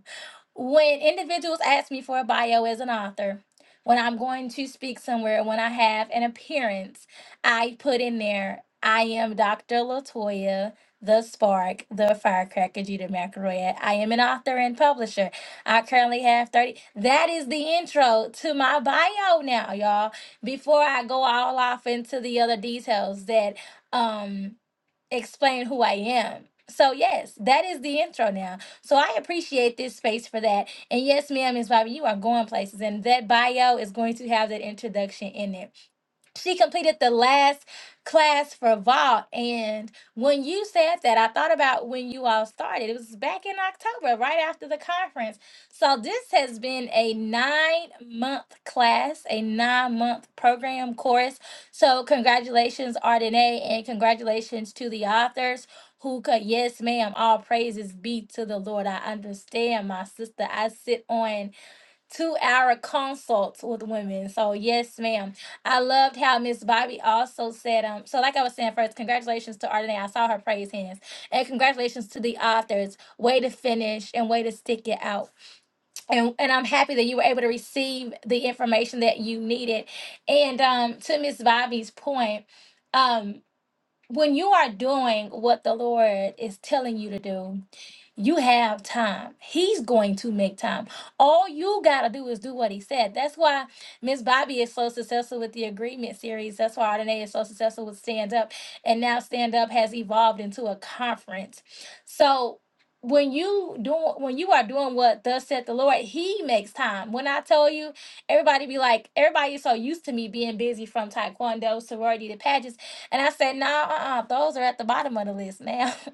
S1: when individuals ask me for a bio as an author, when I'm going to speak somewhere, when I have an appearance, I put in there, I am Dr. Latoya, the spark, the firecracker, Judah McElroy. I am an author and publisher. I currently have 30. That is the intro to my bio now, y'all. Before I go all off into the other details that um explain who I am. So yes, that is the intro now. So I appreciate this space for that. And yes, ma'am, Miss Bobby, you are going places, and that bio is going to have that introduction in it she completed the last class for vault and when you said that i thought about when you all started it was back in october right after the conference so this has been a nine month class a nine month program course so congratulations ardenae and congratulations to the authors who could yes ma'am all praises be to the lord i understand my sister i sit on two hour consults with women. So yes, ma'am. I loved how Miss Bobby also said, um, so like I was saying first, congratulations to Ardenae. I saw her praise hands. And congratulations to the authors. Way to finish and way to stick it out. And and I'm happy that you were able to receive the information that you needed. And um to Miss Bobby's point, um when you are doing what the Lord is telling you to do, you have time. He's going to make time. All you got to do is do what he said. That's why Miss Bobby is so successful with the agreement series. That's why Ardenae is so successful with Stand Up. And now Stand Up has evolved into a conference. So when you do, when you are doing what thus said the Lord, He makes time. When I tell you, everybody be like, everybody is so used to me being busy from Taekwondo, sorority to pageants, and I said, nah, uh-uh, those are at the bottom of the list now.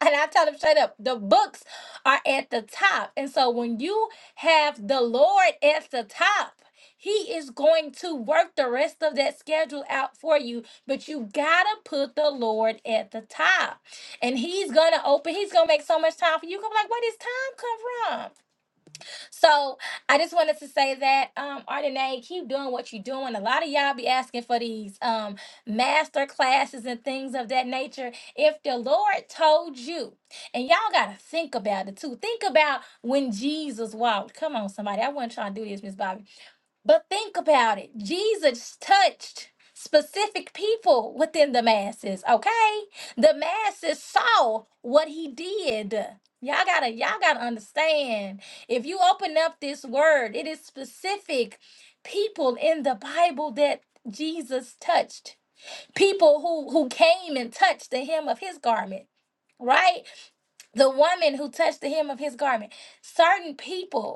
S1: And I tell them straight up, the books are at the top. And so when you have the Lord at the top, he is going to work the rest of that schedule out for you, but you gotta put the Lord at the top. And he's gonna open, he's gonna make so much time for you. You gonna be like, where does time come from? So I just wanted to say that, um, Ardenae, keep doing what you're doing. A lot of y'all be asking for these um master classes and things of that nature. If the Lord told you, and y'all gotta think about it too. Think about when Jesus walked. Come on, somebody. I wasn't trying to do this, Miss Bobby. But think about it. Jesus touched specific people within the masses, okay? The masses saw what he did. Y'all gotta, y'all gotta understand. If you open up this word, it is specific people in the Bible that Jesus touched. People who who came and touched the hem of his garment, right? The woman who touched the hem of his garment. Certain people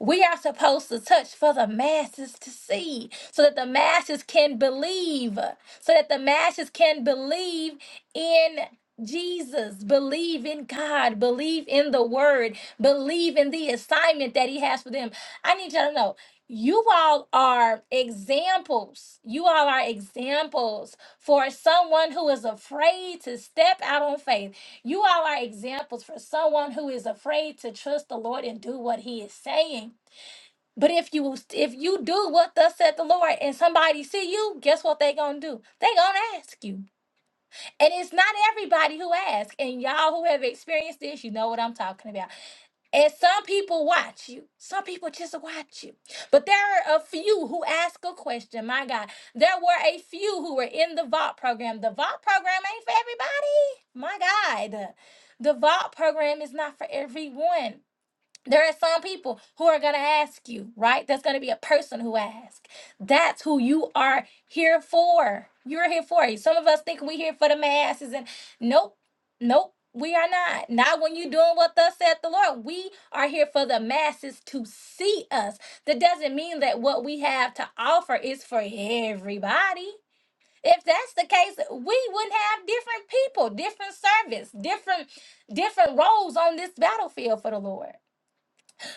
S1: we are supposed to touch for the masses to see, so that the masses can believe, so that the masses can believe in Jesus, believe in God, believe in the word, believe in the assignment that He has for them. I need y'all to know you all are examples. You all are examples for someone who is afraid to step out on faith. You all are examples for someone who is afraid to trust the Lord and do what He is saying but if you if you do what thus said the Lord and somebody see you, guess what they gonna do? They gonna ask you. And it's not everybody who asks. And y'all who have experienced this, you know what I'm talking about. And some people watch you. Some people just watch you. But there are a few who ask a question. My God. There were a few who were in the vault program. The vault program ain't for everybody. My God. The vault program is not for everyone. There are some people who are going to ask you, right? There's going to be a person who asks. That's who you are here for. You're here for it. Some of us think we're here for the masses, and nope, nope, we are not. Not when you're doing what thus saith the Lord. We are here for the masses to see us. That doesn't mean that what we have to offer is for everybody. If that's the case, we wouldn't have different people, different service, different different roles on this battlefield for the Lord.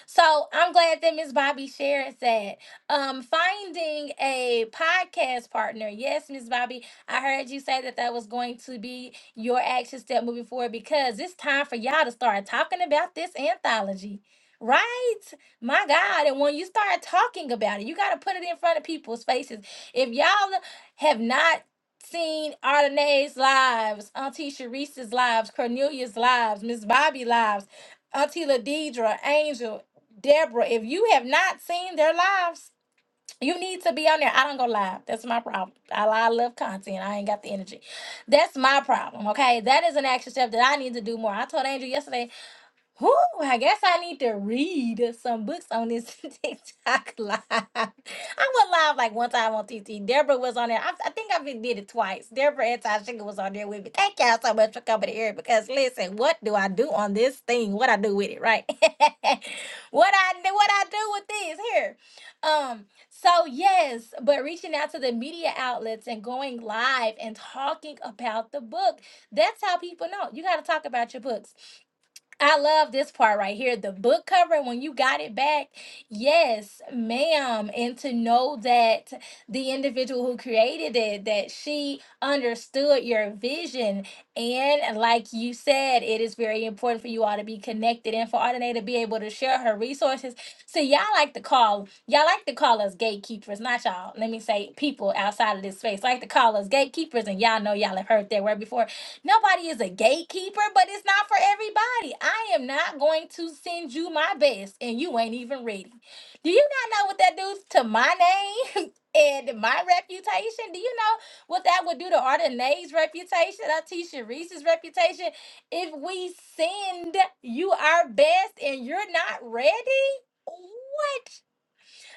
S1: So I'm glad that Miss Bobby shared that. Um, finding a podcast partner. Yes, Miss Bobby, I heard you say that that was going to be your action step moving forward because it's time for y'all to start talking about this anthology. Right? My God. And when you start talking about it, you got to put it in front of people's faces. If y'all have not seen Ardenae's lives, Auntie Sharice's lives, Cornelia's lives, Miss Bobby lives, Auntie Ladidra, Angel. Deborah, if you have not seen their lives, you need to be on there. I don't go live. That's my problem. I, I love content. I ain't got the energy. That's my problem. Okay. That is an action step that I need to do more. I told Andrew yesterday Whew, I guess I need to read some books on this TikTok live. I went live like one time on TT. Deborah was on there. I, I think I've been did it twice. Deborah and Tashinga was on there with me. Thank y'all so much for coming here because listen, what do I do on this thing? What I do with it, right? what I do, what I do with this here. Um, so yes, but reaching out to the media outlets and going live and talking about the book. That's how people know. You got to talk about your books. I love this part right here. The book cover, when you got it back, yes, ma'am. And to know that the individual who created it, that she understood your vision. And like you said, it is very important for you all to be connected and for Ardenae to be able to share her resources. So y'all like to call, y'all like to call us gatekeepers, not y'all. Let me say people outside of this space like to call us gatekeepers, and y'all know y'all have heard that word before Nobody is a gatekeeper, but it's not for everybody. I am not going to send you my best and you ain't even ready. Do you not know what that does to my name and my reputation? Do you know what that would do to Ardenae's reputation, Tisha Reese's reputation? If we send you our best and you're not ready, what?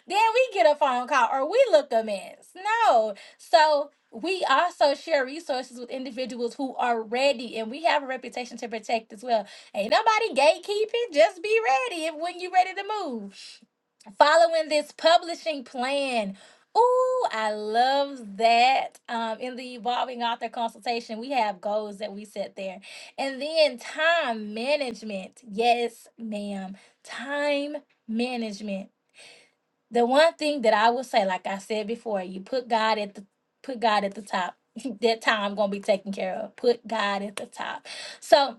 S1: Then we get a phone call or we look a mess. No. So we also share resources with individuals who are ready and we have a reputation to protect as well. Ain't nobody gatekeeping. Just be ready if when you're ready to move. Following this publishing plan. Ooh, I love that. Um, in the evolving author consultation, we have goals that we set there. And then time management. Yes, ma'am. Time management the one thing that I would say, like I said before, you put God at the put God at the top. that time gonna be taken care of. Put God at the top. So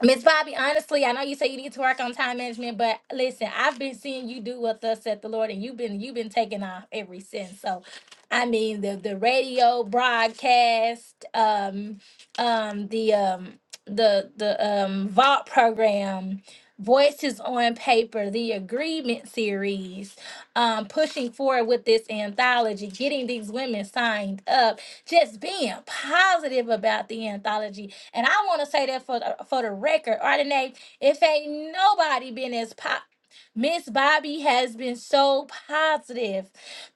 S1: Miss Bobby, honestly, I know you say you need to work on time management, but listen, I've been seeing you do what thus said the Lord, and you've been you've been taking off ever since. So, I mean, the the radio broadcast, um, um, the um, the the um, vault program, voices on paper, the agreement series, um, pushing forward with this anthology, getting these women signed up, just being positive about the anthology and I want to say that for the, for the record, Ardenae, if ain't nobody been as pop. Miss Bobby has been so positive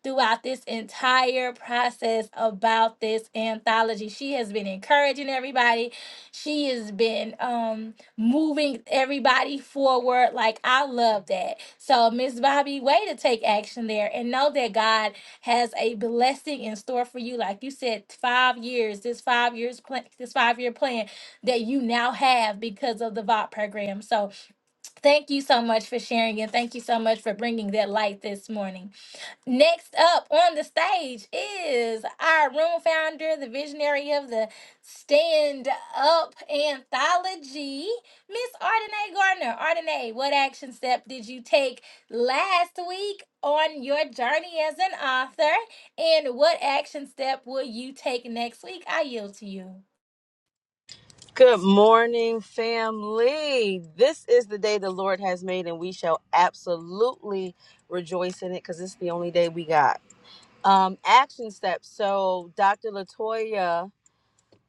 S1: throughout this entire process about this anthology. She has been encouraging everybody. She has been um moving everybody forward. Like I love that. So Miss Bobby, way to take action there and know that God has a blessing in store for you. Like you said, five years. This five years plan. This five year plan that you now have because of the VOT program. So thank you so much for sharing and thank you so much for bringing that light this morning. Next up on the stage is our room founder, the visionary of the Stand Up Anthology, Miss Ardenae Gardner. Ardenae, what action step did you take last week on your journey as an author? And what action step will you take next week? I yield to you.
S6: Good morning, family. This is the day the Lord has made, and we shall absolutely rejoice in it because it's the only day we got. Um, action steps. So, Dr. Latoya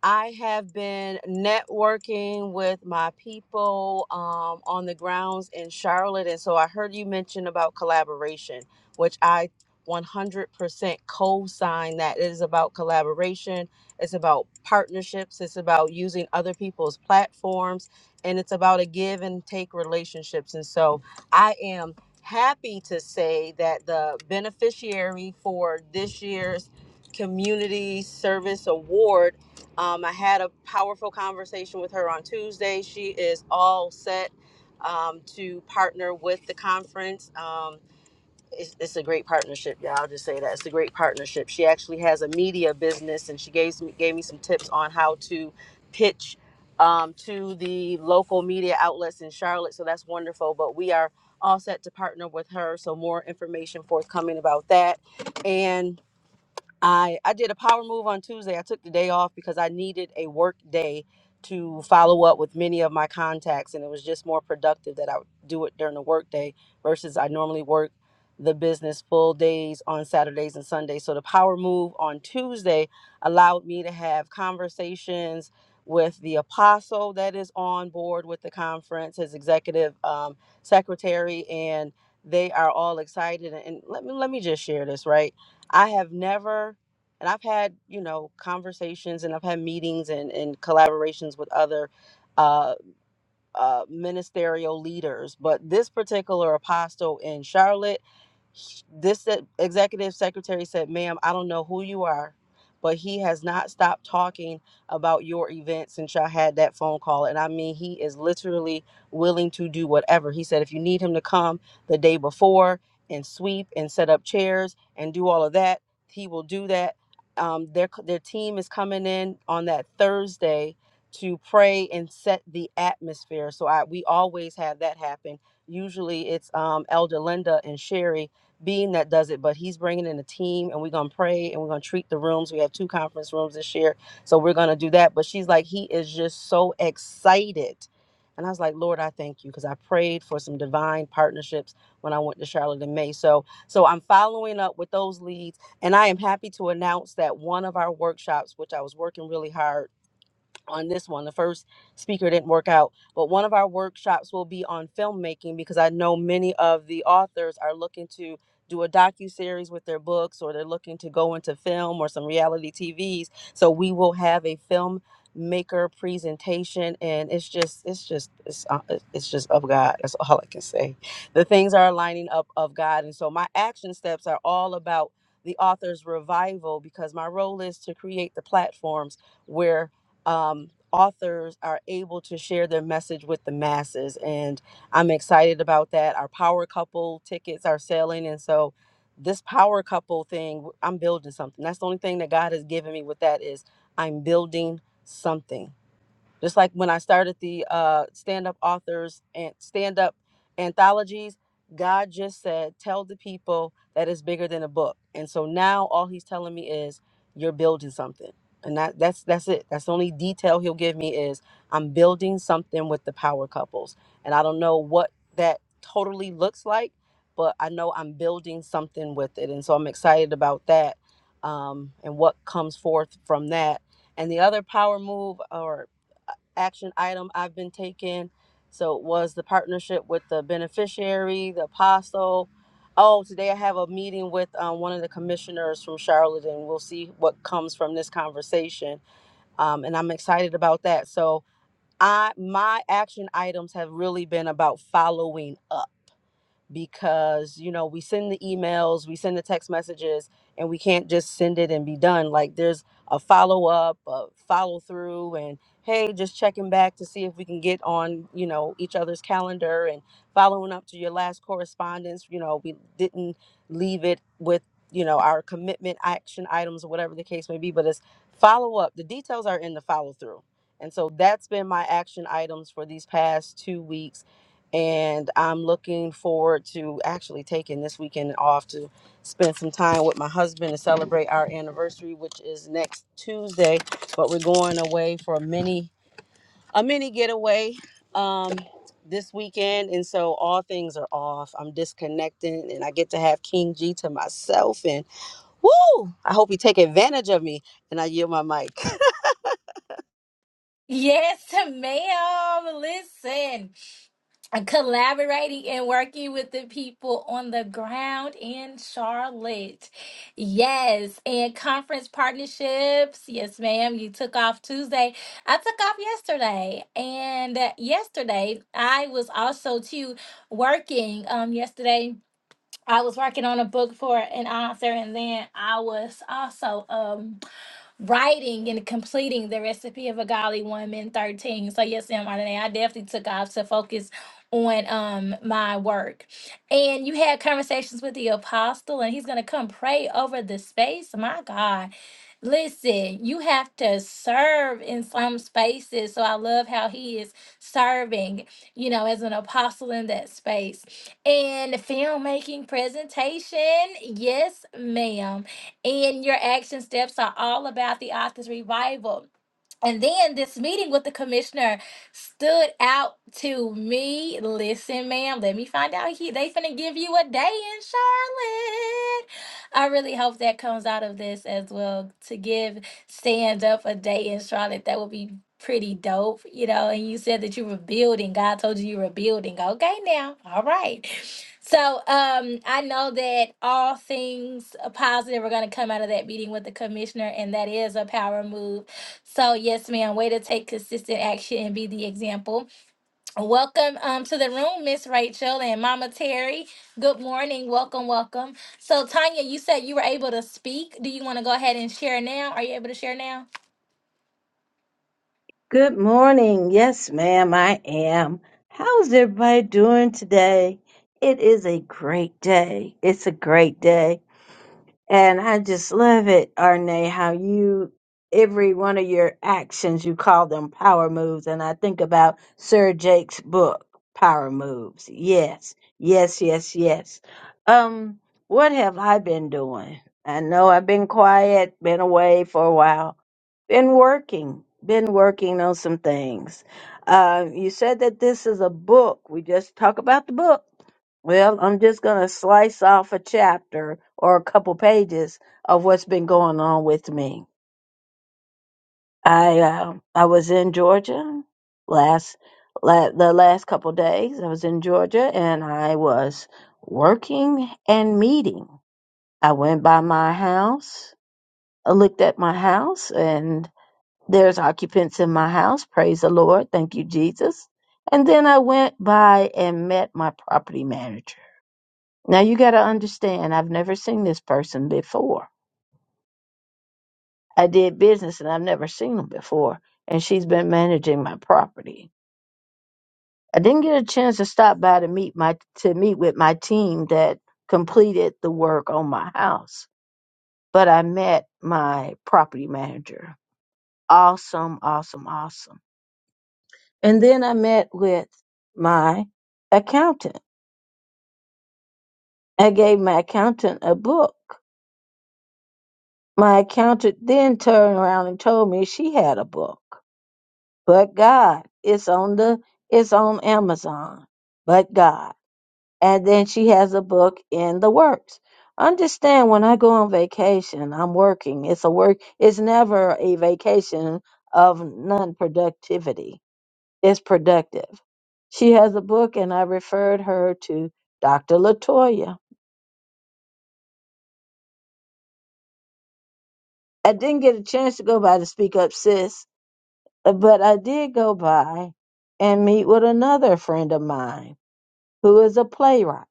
S6: I have been networking with my people um, on the grounds in Charlotte. And so I heard you mention about collaboration, which I 100% co sign that it is about collaboration. It's about partnerships. It's about using other people's platforms. And it's about a give and take relationships. And so I am happy to say that the beneficiary for this year's Community Service Award um, I had a powerful conversation with her on Tuesday. She is all set um, to partner with the conference. Um, it's, it's a great partnership, y'all. I'll just say that it's a great partnership. She actually has a media business, and she gave me gave me some tips on how to pitch um, to the local media outlets in Charlotte. So that's wonderful. But we are all set to partner with her. So more information forthcoming about that, and I I did a power move on Tuesday. I took the day off because I needed a work day to follow up with many of my contacts, and it was just more productive that I would do it during the work day versus I normally work the business full days on Saturdays and Sundays. So the power move on Tuesday allowed me to have conversations with the apostle that is on board with the conference, his executive um, secretary, and they are all excited. And let me let me just share this right I have never, and I've had, you know, conversations and I've had meetings and, and collaborations with other uh, uh, ministerial leaders, but this particular apostle in Charlotte. This e- executive secretary said, ma'am, I don't know who you are, but he has not stopped talking about your event since y'all had that phone call. And I mean, he is literally willing to do whatever. He said, if you need him to come the day before and sweep and set up chairs and do all of that, he will do that. Um, their, their team is coming in on that Thursday to pray and set the atmosphere. So I, we always have that happen usually it's um, Elder Linda and Sherry being that does it, but he's bringing in a team and we're going to pray and we're going to treat the rooms. We have two conference rooms this year. So we're going to do that. But she's like, he is just so excited. And I was like, Lord, I thank you because I prayed for some divine partnerships when I went to Charlotte in May. So, so I'm following up with those leads, and I am happy to announce that one of our workshops, which I was working really hard on this one. The first speaker didn't work out, but one of our workshops will be on filmmaking because I know many of the authors are looking to do a docu series with their books or they're looking to go into film or some reality TVs. So we will have a filmmaker presentation and it's just it's just it's, uh, it's just of God. That's all I can say. The things are lining up of God and so my action steps are all about the author's revival because my role is to create the platforms where um, authors are able to share their message with the masses. And I'm excited about that. Our power couple tickets are selling. And so this power couple thing, I'm building something. That's the only thing that God has given me with that is I'm building something. Just like when I started the uh, stand up authors and stand up anthologies, God just said, tell the people that it's bigger than a book. And so now all he's telling me is, you're building something. And that, that's that's it. That's the only detail he'll give me is I'm building something with the power couples. And I don't know what that totally looks like, but I know I'm building something with it. And so I'm excited about that um, and what comes forth from that. And the other power move or action item I've been taking. So it was the partnership with the beneficiary, the apostle. Oh, today I have a meeting with um, one of the commissioners from Charlotte, and we'll see what comes from this conversation. Um, and I'm excited about that. So I my action items have really been about following up because you know we send the emails we send the text messages and we can't just send it and be done like there's a follow-up a follow-through and hey just checking back to see if we can get on you know each other's calendar and following up to your last correspondence you know we didn't leave it with you know our commitment action items or whatever the case may be but it's follow-up the details are in the follow-through and so that's been my action items for these past two weeks and I'm looking forward to actually taking this weekend off to spend some time with my husband to celebrate our anniversary, which is next Tuesday. But we're going away for a mini a mini getaway um, this weekend, and so all things are off. I'm disconnecting, and I get to have King G to myself. And woo! I hope you take advantage of me. And I yield my mic.
S1: Yes, ma'am. Listen, collaborating and working with the people on the ground in Charlotte. Yes, and conference partnerships. Yes, ma'am. You took off Tuesday. I took off yesterday. And uh, yesterday, I was also too working. Um, yesterday, I was working on a book for an author, and then I was also um writing and completing the recipe of a godly woman 13. So yes, ma'am, Ardenae, I definitely took off to focus on um my work. And you had conversations with the apostle and he's gonna come pray over the space. My God. Listen, you have to serve in some spaces. So I love how he is serving, you know, as an apostle in that space. And filmmaking presentation, yes, ma'am. And your action steps are all about the author's revival. And then this meeting with the commissioner stood out to me. Listen, ma'am, let me find out. He they finna give you a day in Charlotte. I really hope that comes out of this as well. To give stand up a day in Charlotte, that would be pretty dope, you know. And you said that you were building. God told you you were building. Okay, now, all right. So um, I know that all things positive are going to come out of that meeting with the commissioner, and that is a power move so yes, ma'am. Way to take consistent action and be the example. Welcome um, to the room, Miss Rachel and Mama Terry. Good morning. Welcome, welcome. So Tanya, you said you were able to speak. Do you want to go ahead and share now? Are you able to share now?
S7: Good morning. Yes, ma'am, I am. How's everybody doing today? It is a great day. It's a great day. And I just love it, Arne, how you, every one of your actions, you call them power moves. And I think about Sir Jake's book, Power Moves. Yes, yes, yes, yes. Um, what have I been doing? I know I've been quiet, been away for a while been working, been working on some things. Uh, you said that this is a book. We just talk about the book. Well, I'm just going to slice off a chapter or a couple pages of what's been going on with me. I uh, I was in Georgia last la- the last couple days. I was in Georgia and I was working and meeting. I went by my house. I looked at my house and. There's occupants in my house. Praise the Lord. Thank you, Jesus. And then I went by and met my property manager. Now you got to understand, I've never seen this person before. I did business and I've never seen them before. And she's been managing my property. I didn't get a chance to stop by to meet my to meet with my team that completed the work on my house. But I met my property manager. Awesome, awesome, awesome. And then I met with my accountant. I gave my accountant a book. My accountant then turned around and told me she had a book. But God, it's on the it's on Amazon. But God. And then she has a book in the works. Understand when I go on vacation, I'm working. It's a work it's never a vacation of non productivity is productive. She has a book, and I referred her to Dr. Latoya. I didn't get a chance to go by to speak up, sis, but I did go by and meet with another friend of mine who is a playwright.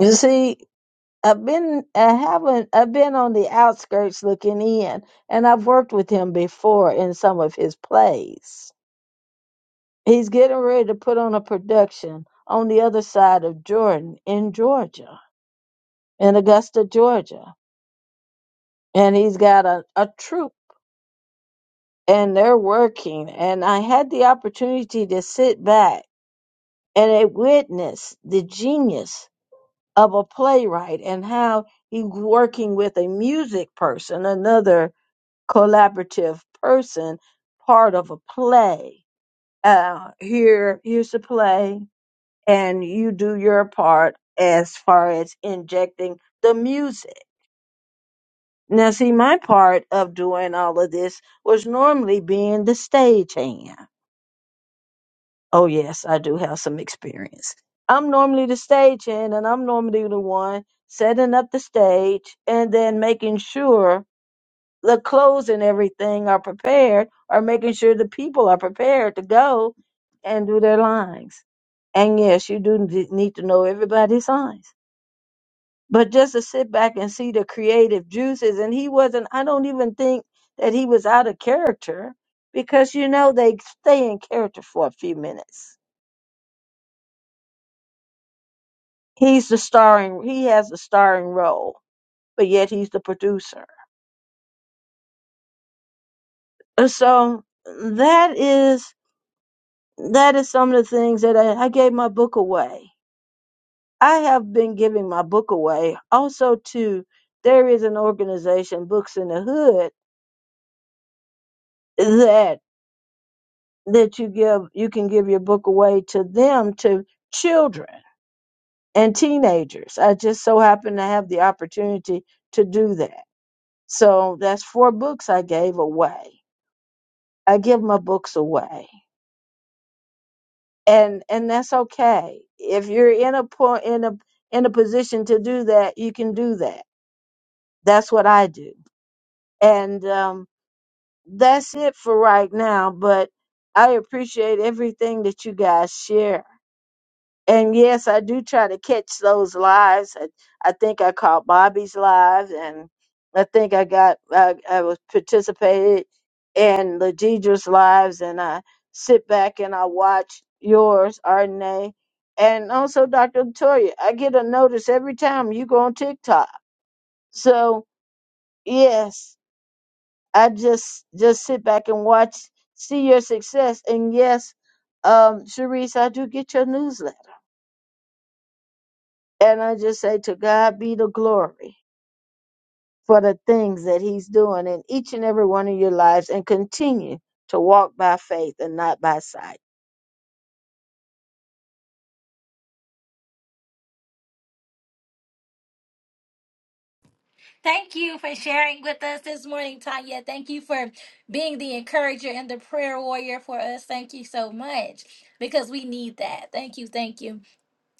S7: You see, I've been I haven't I've been on the outskirts looking in, and I've worked with him before in some of his plays. He's getting ready to put on a production on the other side of Jordan in Georgia, in Augusta, Georgia and he's got a, a troop and they're working and i had the opportunity to sit back and I witness the genius of a playwright and how he's working with a music person another collaborative person part of a play uh, here here's the play and you do your part as far as injecting the music Now, see, my part of doing all of this was normally being the stagehand. Oh, yes, I do have some experience. I'm normally the stagehand, and I'm normally the one setting up the stage and then making sure the clothes and everything are prepared, or making sure the people are prepared to go and do their lines. And yes, you do need to know everybody's lines but just to sit back and see the creative juices and he wasn't i don't even think that he was out of character because you know they stay in character for a few minutes he's the starring he has the starring role but yet he's the producer And so that is that is some of the things that I, I gave my book away i have been giving my book away also to there is an organization books in the hood that. that you give you can give your book away to them to children and teenagers i just so happen to have the opportunity to do that so that's four books i gave away i give my books away and and that's okay if you're in a point in a in a position to do that you can do that that's what i do and um that's it for right now but i appreciate everything that you guys share and yes, I do try to catch those lives. I, I think I caught Bobby's live, and I think I got I, I was participated in Ladidra's lives, and I sit back and I watch yours, Ardenae, and also Dr. Latoya. I get a notice every time you go on TikTok. So yes, I just just sit back and watch, see your success, and yes, um, Sharice, I do get your newsletter. And I just say to God be the glory for the things that He's doing in each and every one of your lives and continue to walk by faith and not by sight.
S1: Thank you for sharing with us this morning, Tanya. Thank you for being the encourager and the prayer warrior for us. Thank you so much because we need that. Thank you, thank you.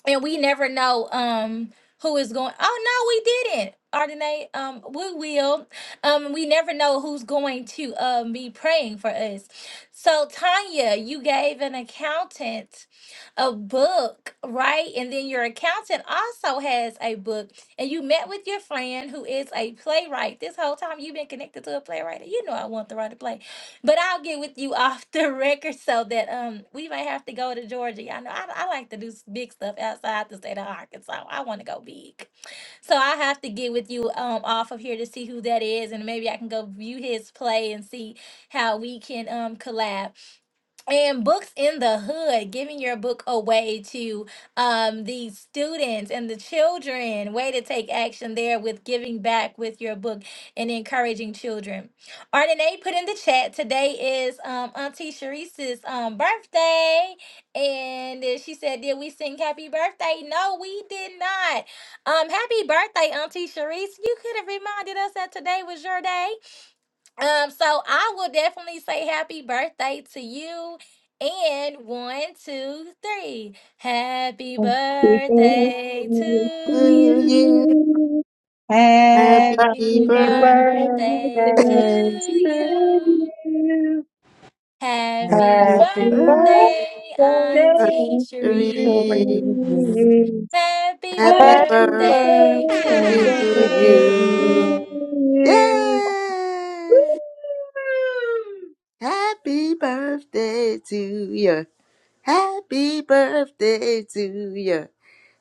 S1: and we never know um who is going oh no we didn't Ardenae. um, we will. Um, we never know who's going to um be praying for us. So Tanya, you gave an accountant a book, right? And then your accountant also has a book, and you met with your friend who is a playwright. This whole time you've been connected to a playwright. You know I want to write a play. But I'll get with you off the record so that um we may have to go to Georgia. Y'all know I, I like to do s- big stuff outside the state of Arkansas. I want to go big. So I have to get with you um off of here to see who that is and maybe I can go view his play and see how we can um collab and books in the hood giving your book away to um, the students and the children way to take action there with giving back with your book and encouraging children Ardenae put in the chat today is um, auntie Sharice's um, birthday and uh, she said did we sing happy birthday no we did not um, happy birthday auntie Sharice you could have reminded us that today was your day um, so I will definitely say happy birthday to you. And one, two, three. Happy
S7: Happy birthday
S1: birthday
S7: to
S1: to
S8: to
S1: you.
S8: you.
S7: you. Happy
S8: Happy
S1: Happy
S5: Happy
S8: birthday,
S1: birthday to
S7: birthday
S5: birthday
S7: to
S5: to
S1: you.
S7: you. Happy
S1: Happy
S7: birthday
S8: happy
S7: to
S5: happy
S8: birthday,
S1: birthday,
S5: birthday
S1: Auntie
S5: to
S1: Cherise.
S5: you.
S7: you.
S1: Happy
S8: happy
S5: Happy
S7: Happy
S8: birthday
S1: birthday to
S5: birthday
S8: to
S7: birthday
S1: you.
S7: to
S8: you.
S7: you.
S8: Yay!
S7: Woo!
S8: Happy birthday to you. Happy birthday to you.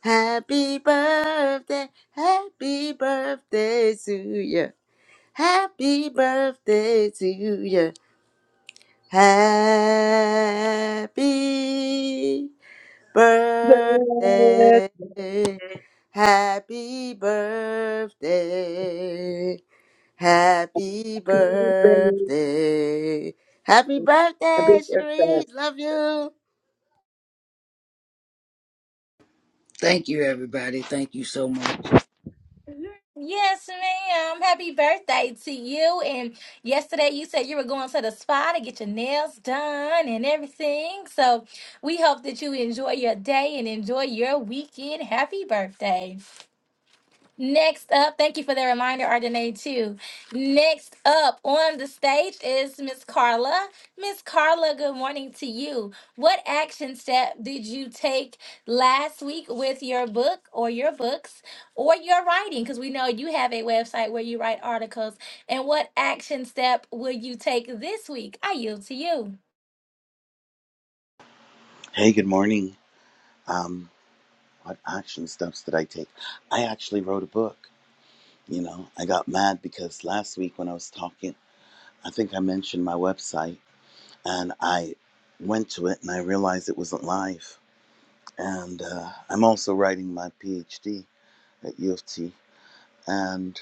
S8: Happy birthday, happy birthday to you. Happy birthday to you. Happy
S7: Birthday,
S8: birthday. Happy birthday. Happy
S7: happy birthday,
S8: birthday. Happy
S7: happy
S8: birthday,
S7: birthday.
S8: Cherise. Love you.
S4: Thank you, everybody. Thank you so much.
S1: Yes, ma'am. Happy birthday to you. And yesterday you said you were going to the spa to get your nails done and everything. So we hope that you enjoy your day and enjoy your weekend. Happy birthday. Next up, thank you for the reminder, Ardenae, too. Next up on the stage is Miss Carla. Miss Carla, good morning to you. What action step did you take last week with your book or your books or your writing? Because we know you have a website where you write articles. And what action step will you take this week? I yield to you.
S9: Hey, good morning. Um, what action steps did I take? I actually wrote a book. You know, I got mad because last week when I was talking, I think I mentioned my website and I went to it and I realized it wasn't live. And uh, I'm also writing my PhD at U of T. And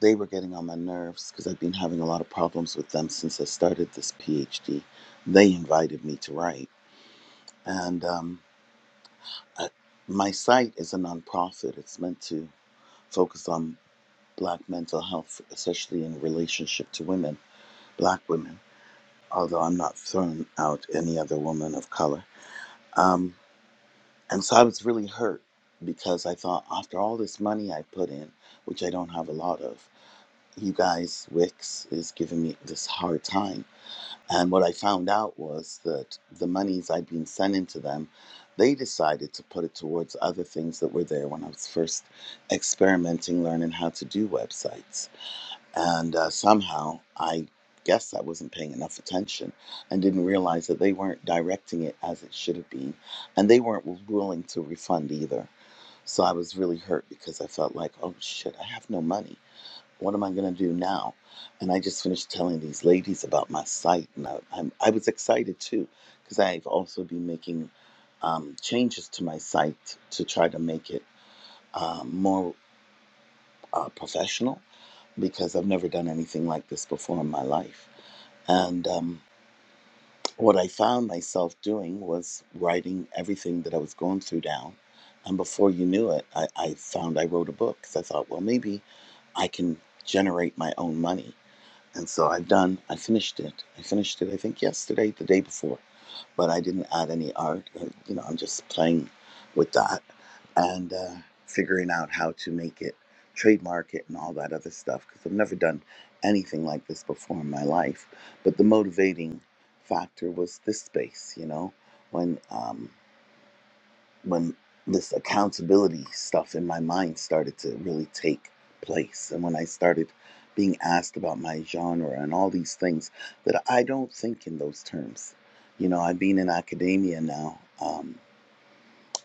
S9: they were getting on my nerves because I've been having a lot of problems with them since I started this PhD. They invited me to write. And um, I, my site is a nonprofit, it's meant to focused on black mental health, especially in relationship to women, black women, although I'm not throwing out any other woman of color. Um, and so I was really hurt because I thought, after all this money I put in, which I don't have a lot of, you guys, Wix is giving me this hard time. And what I found out was that the monies I'd been sending to them, they decided to put it towards other things that were there when I was first experimenting, learning how to do websites And uh, somehow, I guess I wasn't paying enough attention and didn't realize that they weren't directing it as it should have been. And they weren't willing to refund either. So I was really hurt because I felt like, oh shit, I have no money. What am I going to do now? And I just finished telling these ladies about my site. And I, I'm, I was excited too because I've also been making um, changes to my site to try to make it um, more uh, professional because I've never done anything like this before in my life. And um, what I found myself doing was writing everything that I was going through down. And before you knew it, I, I found I wrote a book because I thought, well, maybe I can generate my own money. And so I've done, I finished it. I finished it, I think, yesterday, the day before. But I didn't add any art. uh, You know, I'm just playing with that and uh, figuring out how to make it, trademark it, and all that other stuff. Because I've never done anything like this before in my life. But the motivating factor was this space, you know, when um, when this accountability stuff in my mind started to really take place and when I started being asked about my genre and all these things that I don't think in those terms. You know, I've been in academia now um,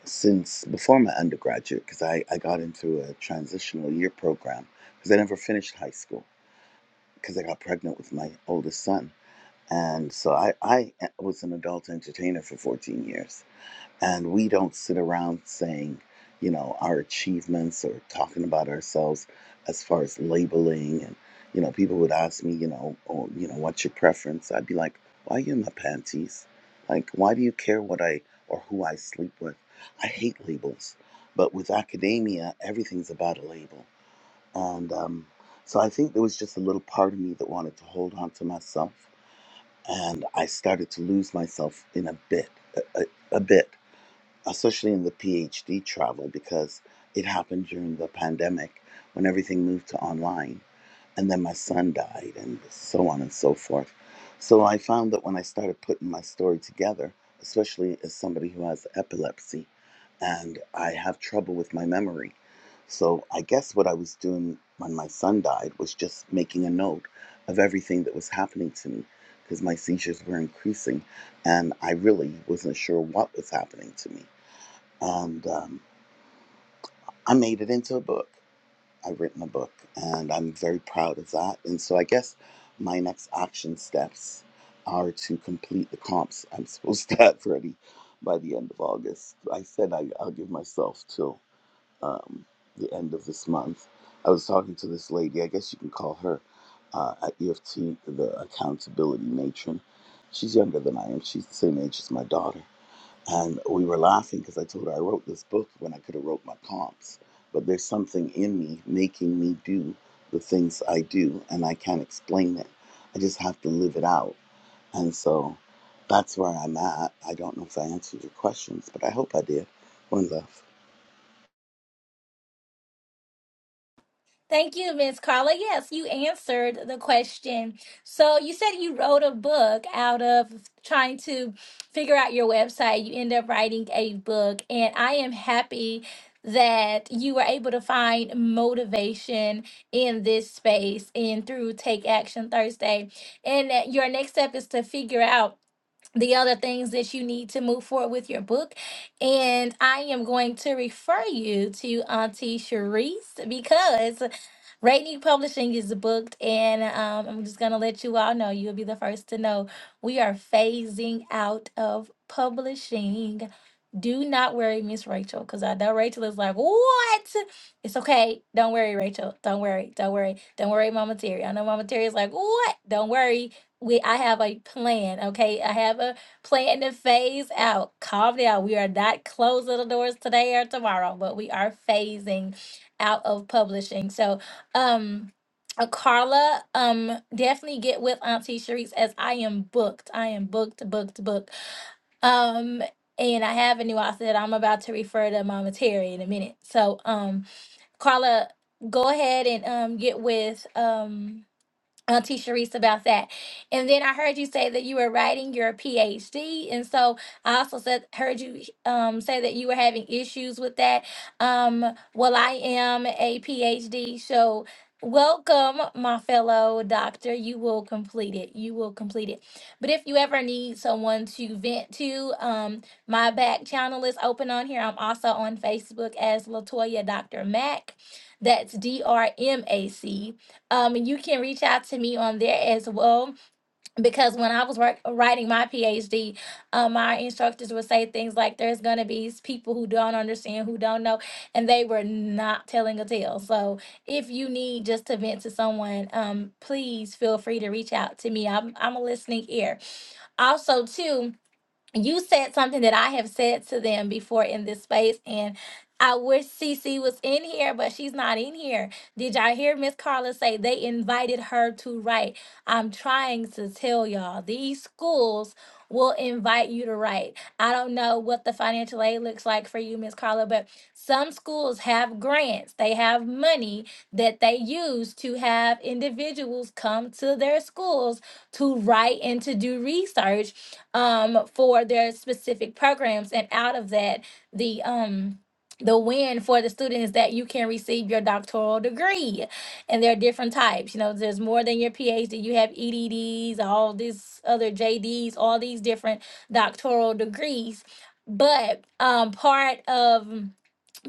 S9: since before my undergraduate because I, I got into a transitional year program because I never finished high school because I got pregnant with my oldest son. And so I, I eh, was an adult entertainer for 14 years and we don't sit around saying, you know, our achievements or talking about ourselves as far as labeling. And, you know, people would ask me, you know, oh, you know, what's your preference? I'd be like, why are you in my panties? Like, why do you care what I or who I sleep with? I hate labels. But with academia, everything's about a label. And um, so I think there was just a little part of me that wanted to hold on to myself. And I started to lose myself in a bit, a, a, a bit especially in the PhD travel, because it happened during the pandemic when everything moved to online. And then my son died, and so on and so forth. So I found that when I started putting my story together, especially as somebody who has epilepsy and I have trouble with my memory. So I guess what I was doing when my son died was just making a note of everything that was happening to me because my seizures were increasing and I really wasn't sure what was happening to me and um, I made it into a book. I've written a book, and I'm very proud of that. And so I guess my next action steps are to complete the comps I'm supposed to have ready by the end of August. I said I, I'll give myself till um, the end of this month. I was talking to this lady. I guess you can call her uh, at EFT the accountability matron. She's younger than I am. She's the same age as my daughter and we were laughing because I told her I wrote this book when I could have wrote my comps, but there's something in me making me do the things I do, and I can't explain it. I just have to live it out, and so that's where I'm at. I don't know if I answered your questions, but I hope I did. One love.
S1: Thank you, Miss Carla. Yes, you answered the question. So you said you wrote a book out of trying to figure out your website. You end up writing a book, and I am happy that you were able to find motivation in this space and through Take Action Thursday. And that your next step is to figure out the other things that you need to move forward with your book. And I am going to refer you to Auntie Sharice because Rainy Publishing is booked, and um, I'm just gonna let you all know. You'll be the first to know. We are phasing out of publishing. Do not worry, Miss Rachel, because I know Rachel is like, what? It's okay. Don't worry, Rachel. Don't worry. Don't worry. Don't worry, Mama Terry. I know Mama Terry is like, what? Don't worry. We I have a plan. Okay. I have a plan to phase out. Calm down. We are not closing the doors today or tomorrow, but we are phasing out of publishing. So um, uh, Carla, um, definitely get with Auntie Sharice as I am booked. I am booked, booked, booked. Um, and I have a new outfit that I'm about to refer to Mama Terry in a minute. So, um, Carla, go ahead and um get with um Auntie Sharice about that. And then I heard you say that you were writing your PhD. And so I also said heard you um, say that you were having issues with that. Um, well, I am a PhD, so welcome, my fellow doctor. You will complete it. You will complete it. But if you ever need someone to vent to, um, my back channel is open on here. I'm also on Facebook as Latoya Dr. Mac. That's D R M A C. Um, and you can reach out to me on there as well because when I was work- writing my PhD, um, my instructors would say things like, "There's going to be s- people who don't understand, who don't know," and they were not telling a tale. So if you need just to vent to someone, um, please feel free to reach out to me. I'm I'm a listening ear. Also, too you said something that I have said to them before in this space, and I wish Cece was in here, but she's not in here. Did y'all hear Miss Carla say they invited her to write? I'm trying to tell y'all, these schools will invite you to write. I don't know what the financial aid looks like for you, Miss Carla, but some schools have grants. They have money that they use to have individuals come to their schools to write and to do research um, for their specific programs. And out of that, the um, the win for the student is that you can receive your doctoral degree. And there are different types. You know, there's more than your PhD. You have EDDs, all these other JDs, all these different doctoral degrees. But um, part of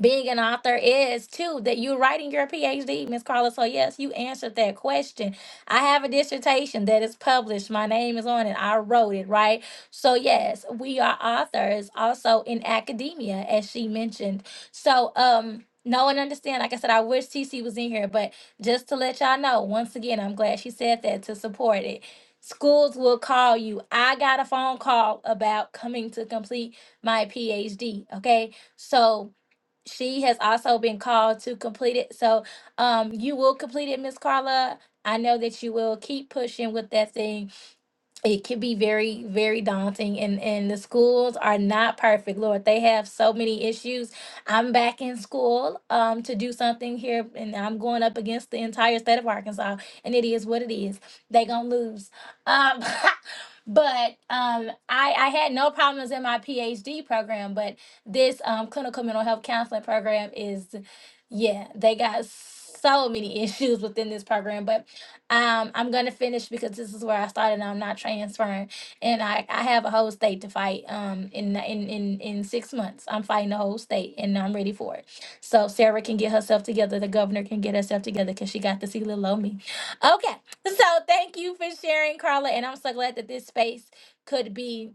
S1: being an author is too that you're writing your PhD, Miss Carla. So yes, you answered that question. I have a dissertation that is published. My name is on it. I wrote it, right? So yes, we are authors also in academia, as she mentioned. So um know and understand. Like I said, I wish TC was in here, but just to let y'all know, once again, I'm glad she said that to support it. Schools will call you. I got a phone call about coming to complete my PhD. Okay. So she has also been called to complete it. So um, you will complete it, Miss Carla. I know that you will keep pushing with that thing it can be very very daunting and and the schools are not perfect lord they have so many issues i'm back in school um to do something here and i'm going up against the entire state of arkansas and it is what it is they gonna lose um but um i i had no problems in my phd program but this um clinical mental health counseling program is yeah they got so many issues within this program but um, I'm gonna finish because this is where I started and I'm not transferring. And I, I have a whole state to fight um in in in in six months. I'm fighting the whole state and I'm ready for it. So Sarah can get herself together, the governor can get herself together because she got to see little old me. Okay, so thank you for sharing, Carla, and I'm so glad that this space could be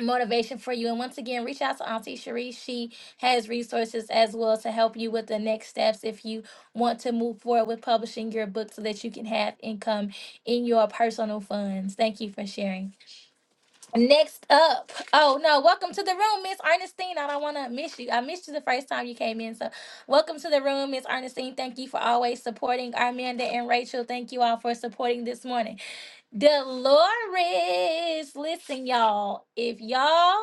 S1: motivation for you. And once again, reach out to Auntie Cherie. She has resources as well to help you with the next steps if you want to move forward with publishing your book so that you can have income in your personal funds. Thank you for sharing. Next up, oh no, welcome to the room, Miss Ernestine. I don't want to miss you. I missed you the first time you came in. So welcome to the room, Miss Ernestine. Thank you for always supporting Armanda and Rachel. Thank you all for supporting this morning. Dolores, listen, y'all. If y'all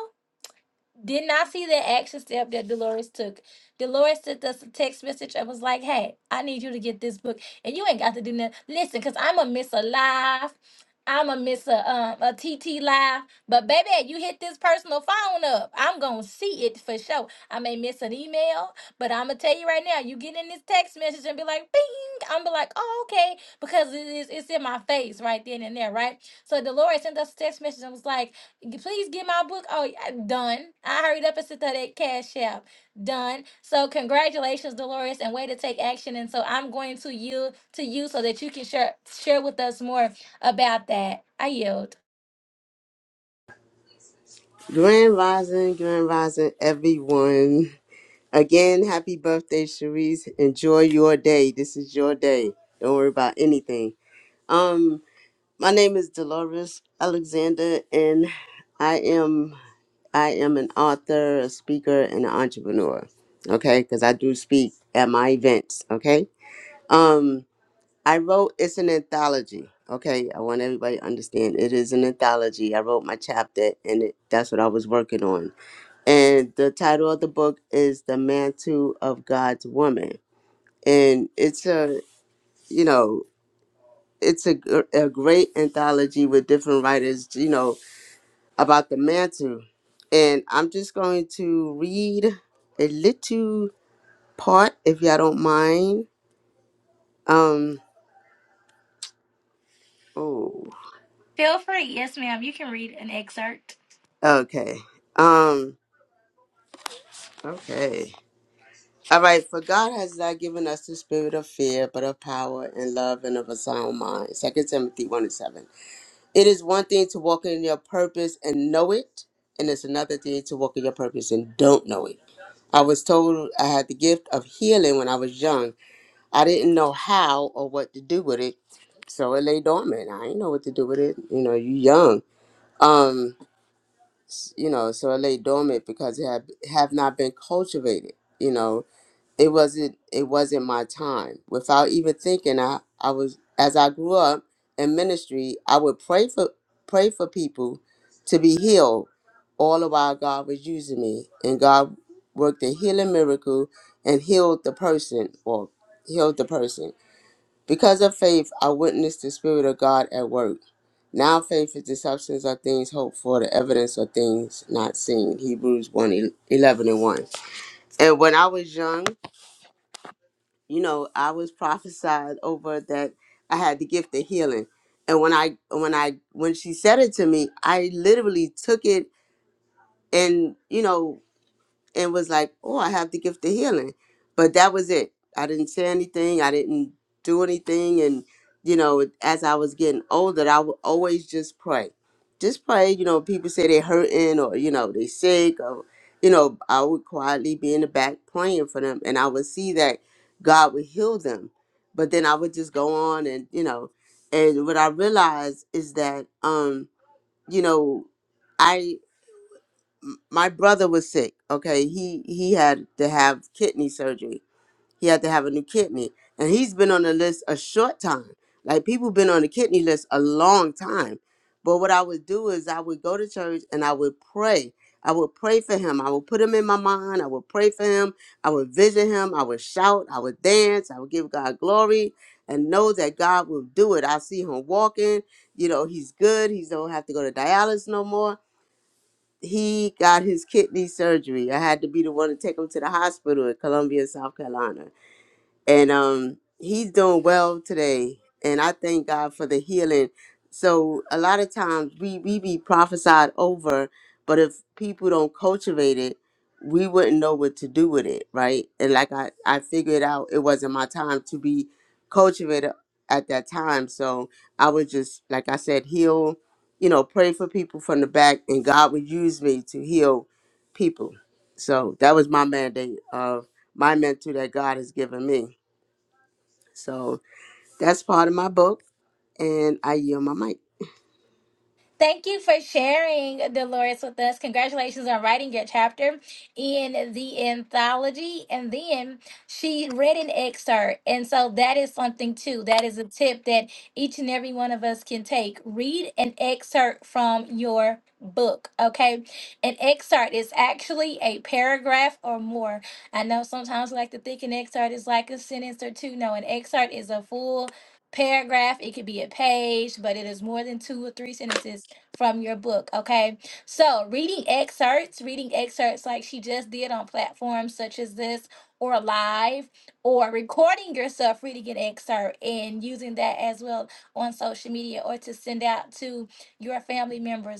S1: did not see that action step that Dolores took. Dolores sent us a text message and was like, "Hey, I need you to get this book, and you ain't got to do nothing. Listen, cause I'm a miss a live, I'm a miss a um a TT live, but baby, you hit this personal phone up, I'm gonna see it for sure. I may miss an email, but I'm gonna tell you right now, you get in this text message and be like, bing, I'm be like, oh okay, because it is it's in my face right then and there, right? So Dolores sent us a text message and was like. Please get my book. Oh, yeah, done. I hurried up and sent her that cash app. Done. So congratulations, Dolores, and way to take action. And so I'm going to you to you so that you can share share with us more about that. I yield.
S8: Grand rising, grand rising, everyone. Again, happy birthday, Cherise. Enjoy your day. This is your day. Don't worry about anything. Um, my name is Dolores Alexander, and I am I am an author, a speaker, and an entrepreneur. Okay, because I do speak at my events. Okay, um, I wrote it's an anthology. Okay, I want everybody to understand it is an anthology. I wrote my chapter, and it, that's what I was working on. And the title of the book is "The Mantle of God's Woman," and it's a you know it's a, gr- a great anthology with different writers. You know, about the mantle. And I'm just going to read a little part if y'all don't mind. Um oh
S1: Feel free. Yes, ma'am. You can read an excerpt.
S8: okay. Um okay. All right, for God has not given us the spirit of fear, but of power and love and of a sound mind. Second Timothy 1 and 7. It is one thing to walk in your purpose and know it, and it's another thing to walk in your purpose and don't know it. I was told I had the gift of healing when I was young I didn't know how or what to do with it, so it lay dormant. I didn't know what to do with it. You know, you young. Um, s- you know, so it lay dormant because it have have not been cultivated. You know, it wasn't it wasn't my time. Without even thinking, I I was as I grew up in ministry, I would pray for pray for people to be healed. All the while, God was using me, and God worked a healing miracle and healed the person or healed the person because of faith, I witnessed the Spirit of God at work. Now faith is the substance of things hoped for, the evidence of things not seen. Hebrews one 11 and 1. And when I was young, you know, I was prophesied over that I had the gift of healing. And when I when I when she said it to me, I literally took it and, you know, and was like, "Oh, I have the gift of healing," but that was it. I didn't say anything. I didn't do anything, and you know, as I was getting older, I would always just pray, just pray. You know, people say they're hurting or you know they sick or you know, I would quietly be in the back praying for them, and I would see that God would heal them. But then I would just go on and you know, and what I realized is that um, you know, m- my brother was sick. Okay, he he had to have kidney surgery. He had to have a new kidney, and he's been on the list a short time. Like people been on the kidney list a long time. But what I would do is I would go to church and I would pray. I would pray for him. I would put him in my mind. I would pray for him. I would visit him. I would shout. I would dance. I would give God glory and know that God will do it. I see him walking. You know, he's good. He don't have to go to dialysis no more he got his kidney surgery. I had to be the one to take him to the hospital in Columbia, South Carolina and um he's doing well today and i thank god for the healing so a lot of times we we be prophesied over but if people don't cultivate it we wouldn't know what to do with it right and like i i figured out it wasn't my time to be cultivated at that time so i would just like i said heal you know pray for people from the back and god would use me to heal people so that was my mandate of my mentor that god has given me so that's part of my book, and I yield my mic.
S1: Thank you for sharing, Dolores, with us. Congratulations on writing your chapter in the anthology. And then she read an excerpt. And so that is something, too. That is a tip that each and every one of us can take. Read an excerpt from your book, okay? An excerpt is actually a paragraph or more. I know sometimes we like to think an excerpt is like a sentence or two. No, an excerpt is a full paragraph. It could be a page, but it is more than two or three sentences from your book, okay? So, reading excerpts, reading excerpts like she just did on platforms such as this or live, or recording yourself reading an excerpt and using that as well on social media or to send out to your family members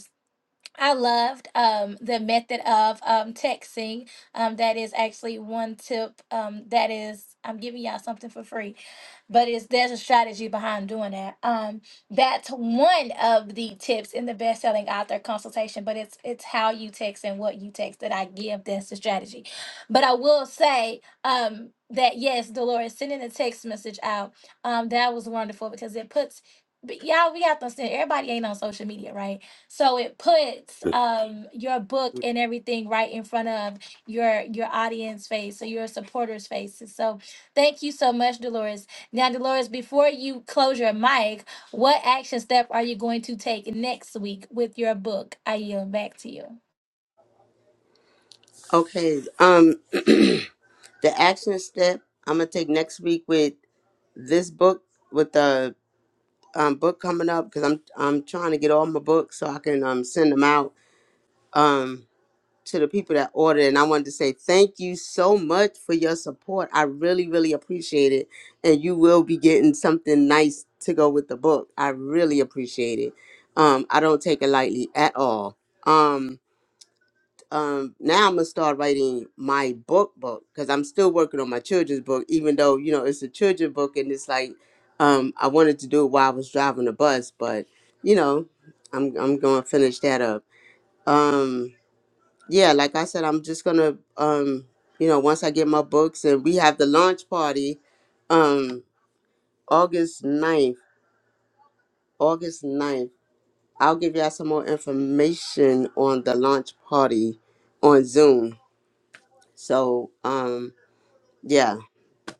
S1: I loved um, the method of um, texting. Um, that is actually one tip. Um, that is, I'm giving y'all something for free, but it's there's a strategy behind doing that. Um, that's one of the tips in the best-selling author consultation. But it's it's how you text and what you text that I give. That's the strategy. But I will say um, that yes, Dolores sending a text message out. Um, that was wonderful because it puts. But y'all, we have to understand everybody ain't on social media, right? So it puts um, your book and everything right in front of your your audience face or your supporters' faces. So thank you so much, Dolores. Now, Dolores, before you close your mic, what action step are you going to take next week with your book? I yield back to you.
S8: Okay, um, the action step I'm gonna take next week with this book with the um, book coming up because I'm I'm trying to get all my books so I can um send them out um to the people that ordered and I wanted to say thank you so much for your support. I really really appreciate it, and you will be getting something nice to go with the book. I really appreciate it. Um, I don't take it lightly at all. Um, um now I'm gonna start writing my book book because I'm still working on my children's book, even though you know it's a children's book and it's like um I wanted to do it while I was driving the bus, but you know I'm I'm gonna finish that up. Um yeah, like I said, I'm just gonna um you know once I get my books and we have the launch party um August ninth, August ninth. I'll give y'all some more information on the launch party on Zoom. So um Yeah,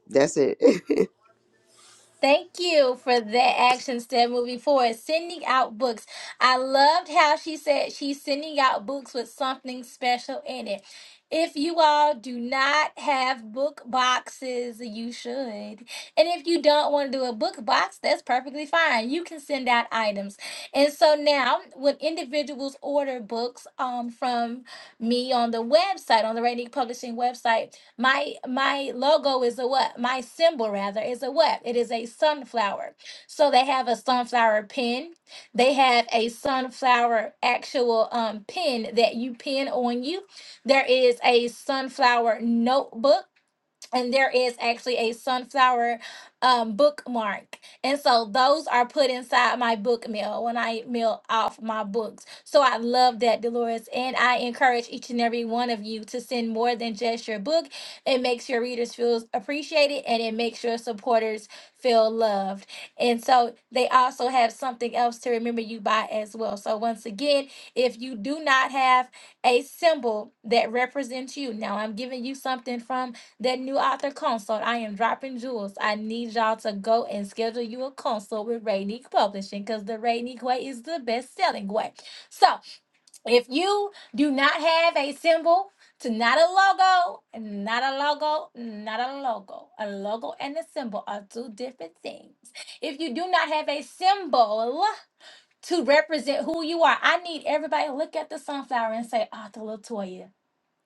S8: that's it.
S1: Thank you for that action step moving forward. Sending out books. I loved how she said she's sending out books with something special in it. If you all do not have book boxes, you should. And if you don't want to do a book box, that's perfectly fine. You can send out items. And so now, when individuals order books um, from me on the website, on the Rainy Publishing website, my my logo is a what? My symbol rather is a what? It is a sunflower. So they have a sunflower pin. They have a sunflower actual um pin that you pin on you. There is a sunflower notebook and there is actually a sunflower um, bookmark and so those are put inside my book mail when i mail off my books so i love that dolores and i encourage each and every one of you to send more than just your book it makes your readers feel appreciated and it makes your supporters feel loved and so they also have something else to remember you by as well so once again if you do not have a symbol that represents you now i'm giving you something from that new author consult, I am dropping jewels. I need y'all to go and schedule you a consult with Rainique Publishing because the Rainique way is the best selling way. So if you do not have a symbol, to not a logo, not a logo, not a logo. A logo and a symbol are two different things. If you do not have a symbol to represent who you are, I need everybody to look at the sunflower and say, Author Latoya.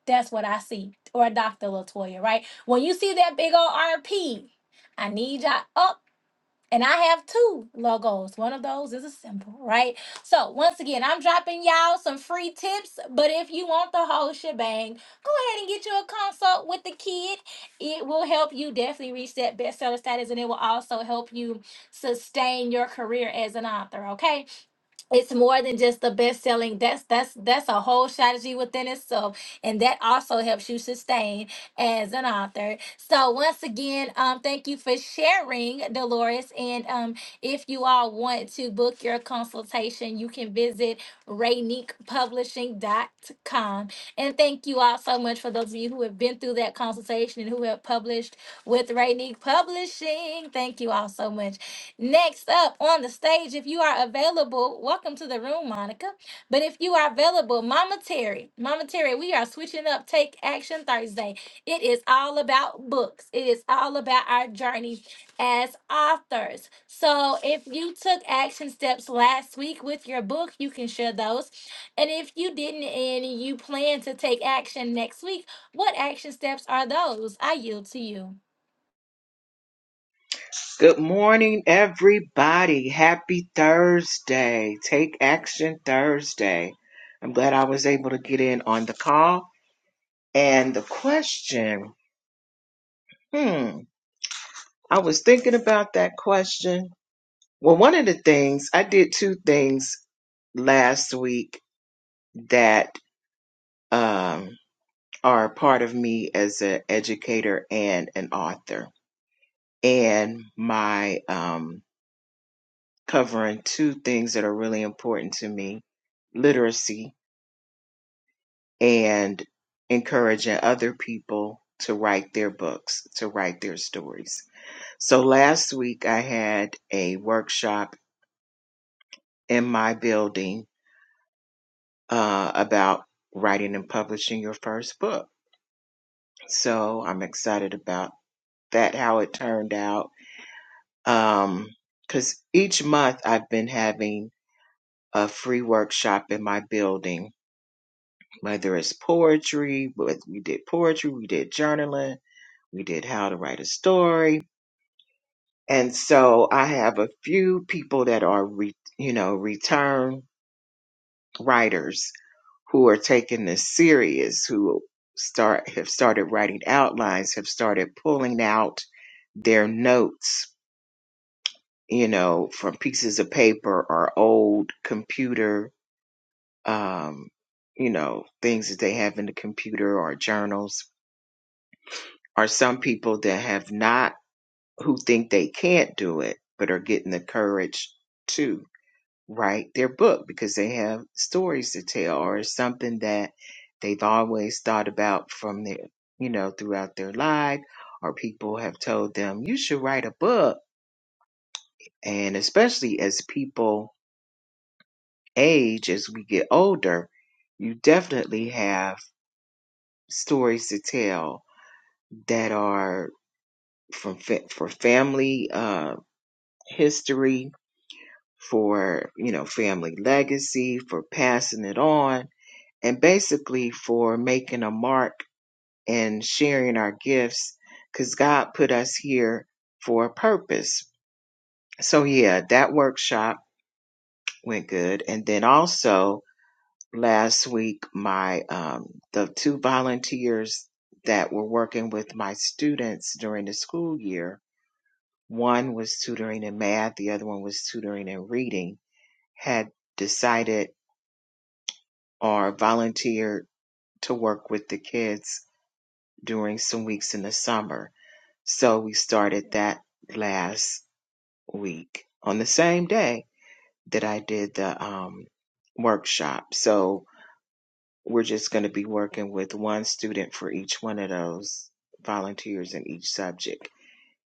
S1: That's what I see. Or Dr. Latoya, right? When you see that big old RP, I need y'all up. And I have two logos. One of those is a symbol, right? So once again, I'm dropping y'all some free tips. But if you want the whole shebang, go ahead and get you a consult with the kid. It will help you definitely reach that bestseller status, and it will also help you sustain your career as an author. Okay it's more than just the best selling that's that's that's a whole strategy within itself and that also helps you sustain as an author so once again um thank you for sharing dolores and um if you all want to book your consultation you can visit raynique publishing dot com. and thank you all so much for those of you who have been through that consultation and who have published with raynique publishing thank you all so much Next up on the stage, if you are available, welcome to the room, Monica. But if you are available, Mama Terry, Mama Terry, we are switching up Take Action Thursday. It is all about books, it is all about our journey as authors. So if you took action steps last week with your book, you can share those. And if you didn't and you plan to take action next week, what action steps are those? I yield to you.
S10: Good morning, everybody. Happy Thursday. Take action Thursday. I'm glad I was able to get in on the call. And the question hmm, I was thinking about that question. Well, one of the things I did two things last week that um, are part of me as an educator and an author. And my um, covering two things that are really important to me literacy and encouraging other people to write their books, to write their stories. So last week I had a workshop in my building uh, about writing and publishing your first book. So I'm excited about that, how it turned out. Um, cause each month I've been having a free workshop in my building whether it's poetry, but we did poetry, we did journaling, we did how to write a story. And so I have a few people that are, re, you know, return writers who are taking this serious, who start, have started writing outlines, have started pulling out their notes, you know, from pieces of paper or old computer, um, you know, things that they have in the computer or journals are some people that have not, who think they can't do it, but are getting the courage to write their book because they have stories to tell or it's something that they've always thought about from their, you know, throughout their life, or people have told them, you should write a book. And especially as people age, as we get older, you definitely have stories to tell that are from fa- for family uh, history for, you know, family legacy, for passing it on, and basically for making a mark and sharing our gifts because God put us here for a purpose. So, yeah, that workshop went good. And then also last week, my, um, the two volunteers that were working with my students during the school year, one was tutoring in math, the other one was tutoring in reading, had decided or volunteered to work with the kids during some weeks in the summer. So we started that last week on the same day that I did the um, workshop. So we're just going to be working with one student for each one of those volunteers in each subject.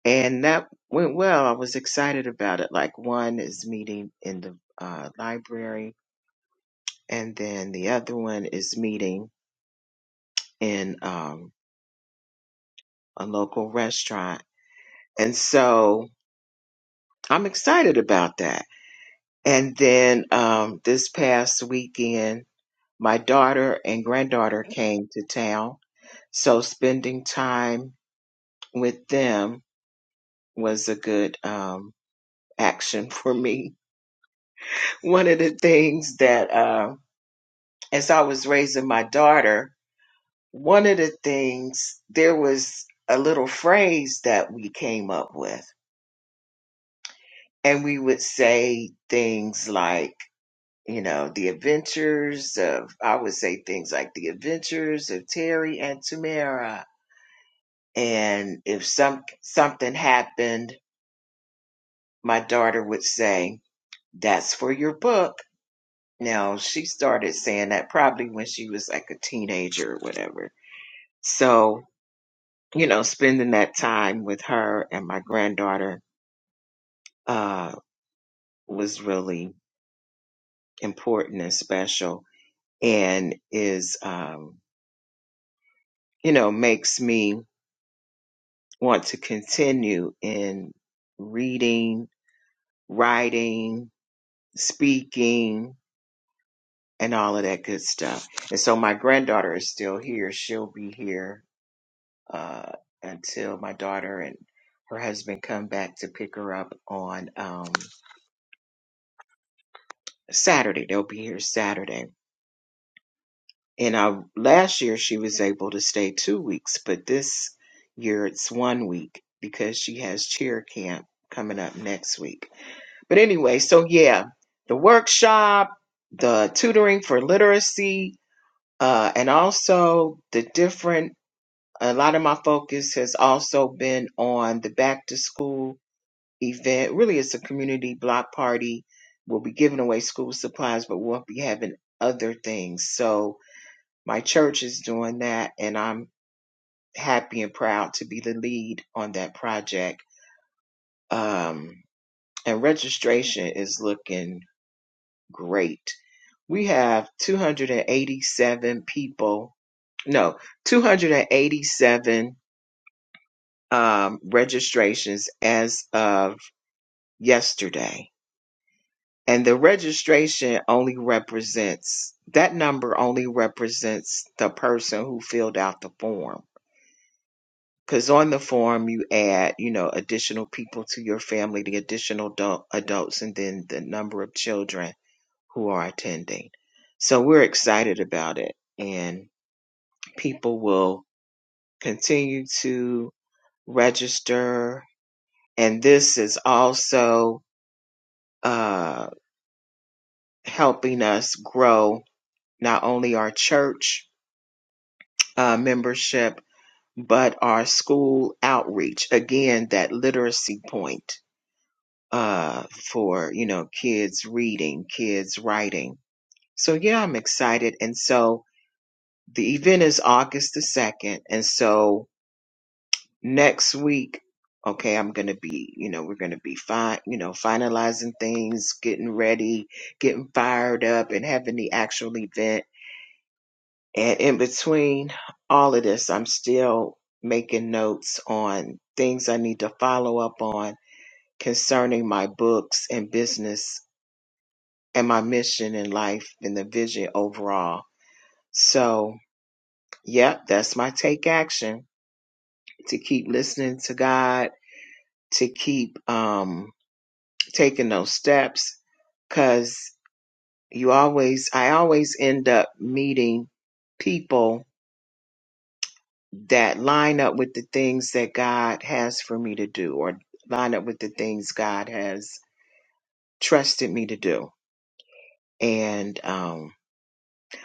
S10: And that went well. I was excited about it. Like one is meeting in the uh, library, and then the other one is meeting in um, a local restaurant. And so I'm excited about that. And then um, this past weekend, my daughter and granddaughter came to town. So spending time with them was a good um, action for me. One of the things that, uh, as I was raising my daughter, one of the things, there was a little phrase that we came up with. And we would say things like, you know, the adventures of, I would say things like the adventures of Terry and Tamara. And if some, something happened, my daughter would say, that's for your book. Now she started saying that probably when she was like a teenager or whatever. So, you know, spending that time with her and my granddaughter, uh, was really important and special and is, um, you know, makes me want to continue in reading, writing, speaking, and all of that good stuff. And so my granddaughter is still here. She'll be here uh, until my daughter and her husband come back to pick her up on um, Saturday. They'll be here Saturday. And uh, last year she was able to stay two weeks, but this year it's one week because she has cheer camp coming up next week. But anyway, so yeah, the workshop, the tutoring for literacy, uh, and also the different, a lot of my focus has also been on the back to school event. Really, it's a community block party. We'll be giving away school supplies, but we'll be having other things. So my church is doing that, and I'm happy and proud to be the lead on that project. Um, and registration is looking great we have 287 people no 287 um, registrations as of yesterday and the registration only represents that number only represents the person who filled out the form because on the form you add you know additional people to your family the additional adult, adults and then the number of children who are attending so we're excited about it and people will continue to register. And this is also uh, helping us grow not only our church uh, membership, but our school outreach. Again, that literacy point uh, for, you know, kids reading, kids writing. So, yeah, I'm excited. And so the event is August the 2nd. And so next week, okay, I'm gonna be, you know, we're gonna be fine, you know, finalizing things, getting ready, getting fired up, and having the actual event. And in between all of this, I'm still making notes on things I need to follow up on concerning my books and business and my mission in life and the vision overall. So, yep, that's my take action to keep listening to God, to keep, um. taking those steps because you always, I always end up meeting people that line up with the things that God has for me to do or line up with the things God has trusted me to do. And um,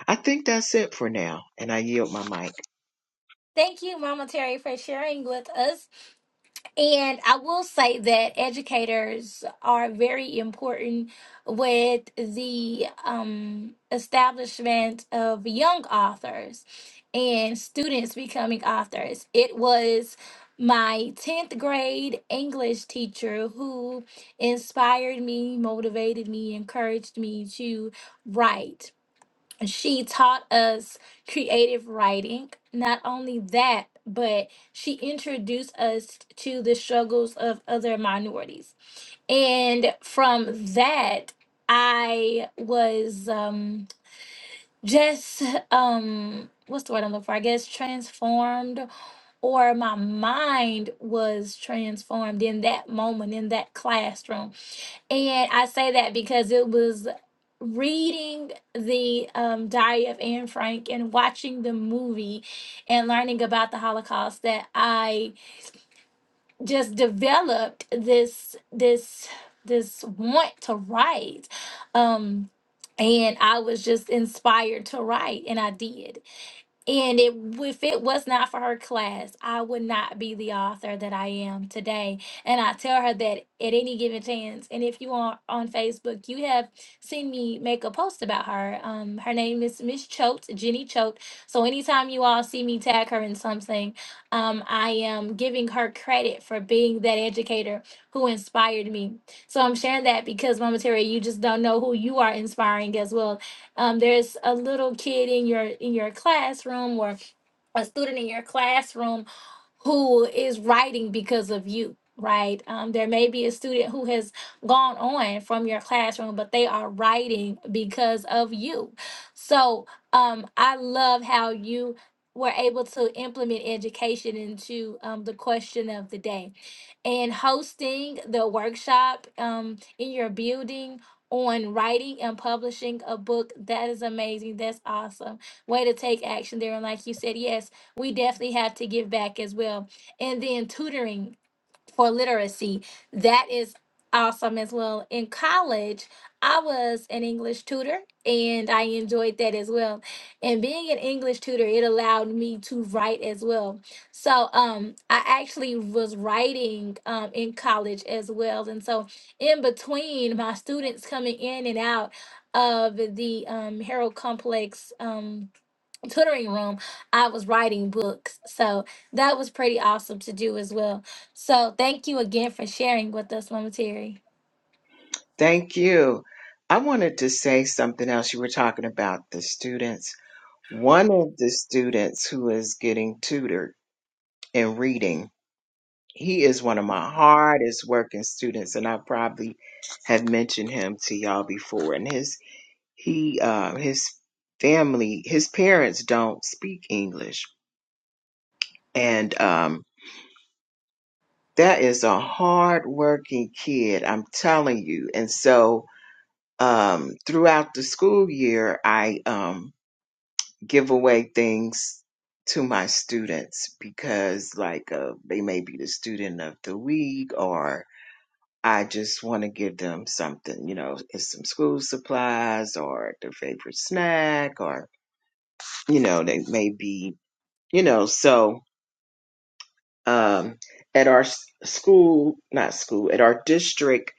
S10: I think that's it for now. And I yield my mic.
S1: Thank you, Mama Terry, for sharing with us. And I will say that educators are very important with the um, establishment of young authors and students becoming authors. It was my 10th grade English teacher who inspired me, motivated me, encouraged me to write she taught us creative writing. Not only that, but she introduced us to the struggles of other minorities. And from that, I was um, just, um, what's the word I'm looking for? I guess transformed, or my mind was transformed in that moment in that classroom and I say that because it was reading the um, Diary of Anne Frank and watching the movie and learning about the Holocaust that I just developed this this this want to write. Um, and I was just inspired to write, and I did. And it, if it was not for her class, I would not be the author that I am today. And I tell her that at any given chance. And if you are on Facebook, you have seen me make a post about her. Um, her name is Miss Choate, Jenny Choate. So anytime you all see me tag her in something, um, I am giving her credit for being that educator who inspired me. So I'm sharing that because Mama Terry, you just don't know who you are inspiring as well um, there's a little kid in your in your classroom or a student in your classroom who is writing because of you right um, there may be a student who has gone on from your classroom but they are writing because of you so um, i love how you were able to implement education into um, the question of the day and hosting the workshop um, in your building on writing and publishing a book. That is amazing. That's awesome. Way to take action there. And like you said, yes, we definitely have to give back as well. And then tutoring for literacy. That is awesome as well. In college, I was an English tutor and I enjoyed that as well. And being an English tutor, it allowed me to write as well. So um I actually was writing um in college as well. And so in between my students coming in and out of the um Harold Complex um tutoring room, I was writing books. So that was pretty awesome to do as well. So thank you again for sharing with us, Mama Terry.
S10: Thank you. I wanted to say something else. You were talking about the students. One of the students who is getting tutored in reading He is one of my hardest working students, and I probably have mentioned him to y'all before. And his he uh, his family, his parents don't speak English, and um, that is a hard working kid. I'm telling you. And so um, throughout the school year, I um, give away things to my students because like uh, they may be the student of the week or I just want to give them something, you know, it's some school supplies or their favorite snack or, you know, they may be, you know, so um, at our s- school, not school, at our district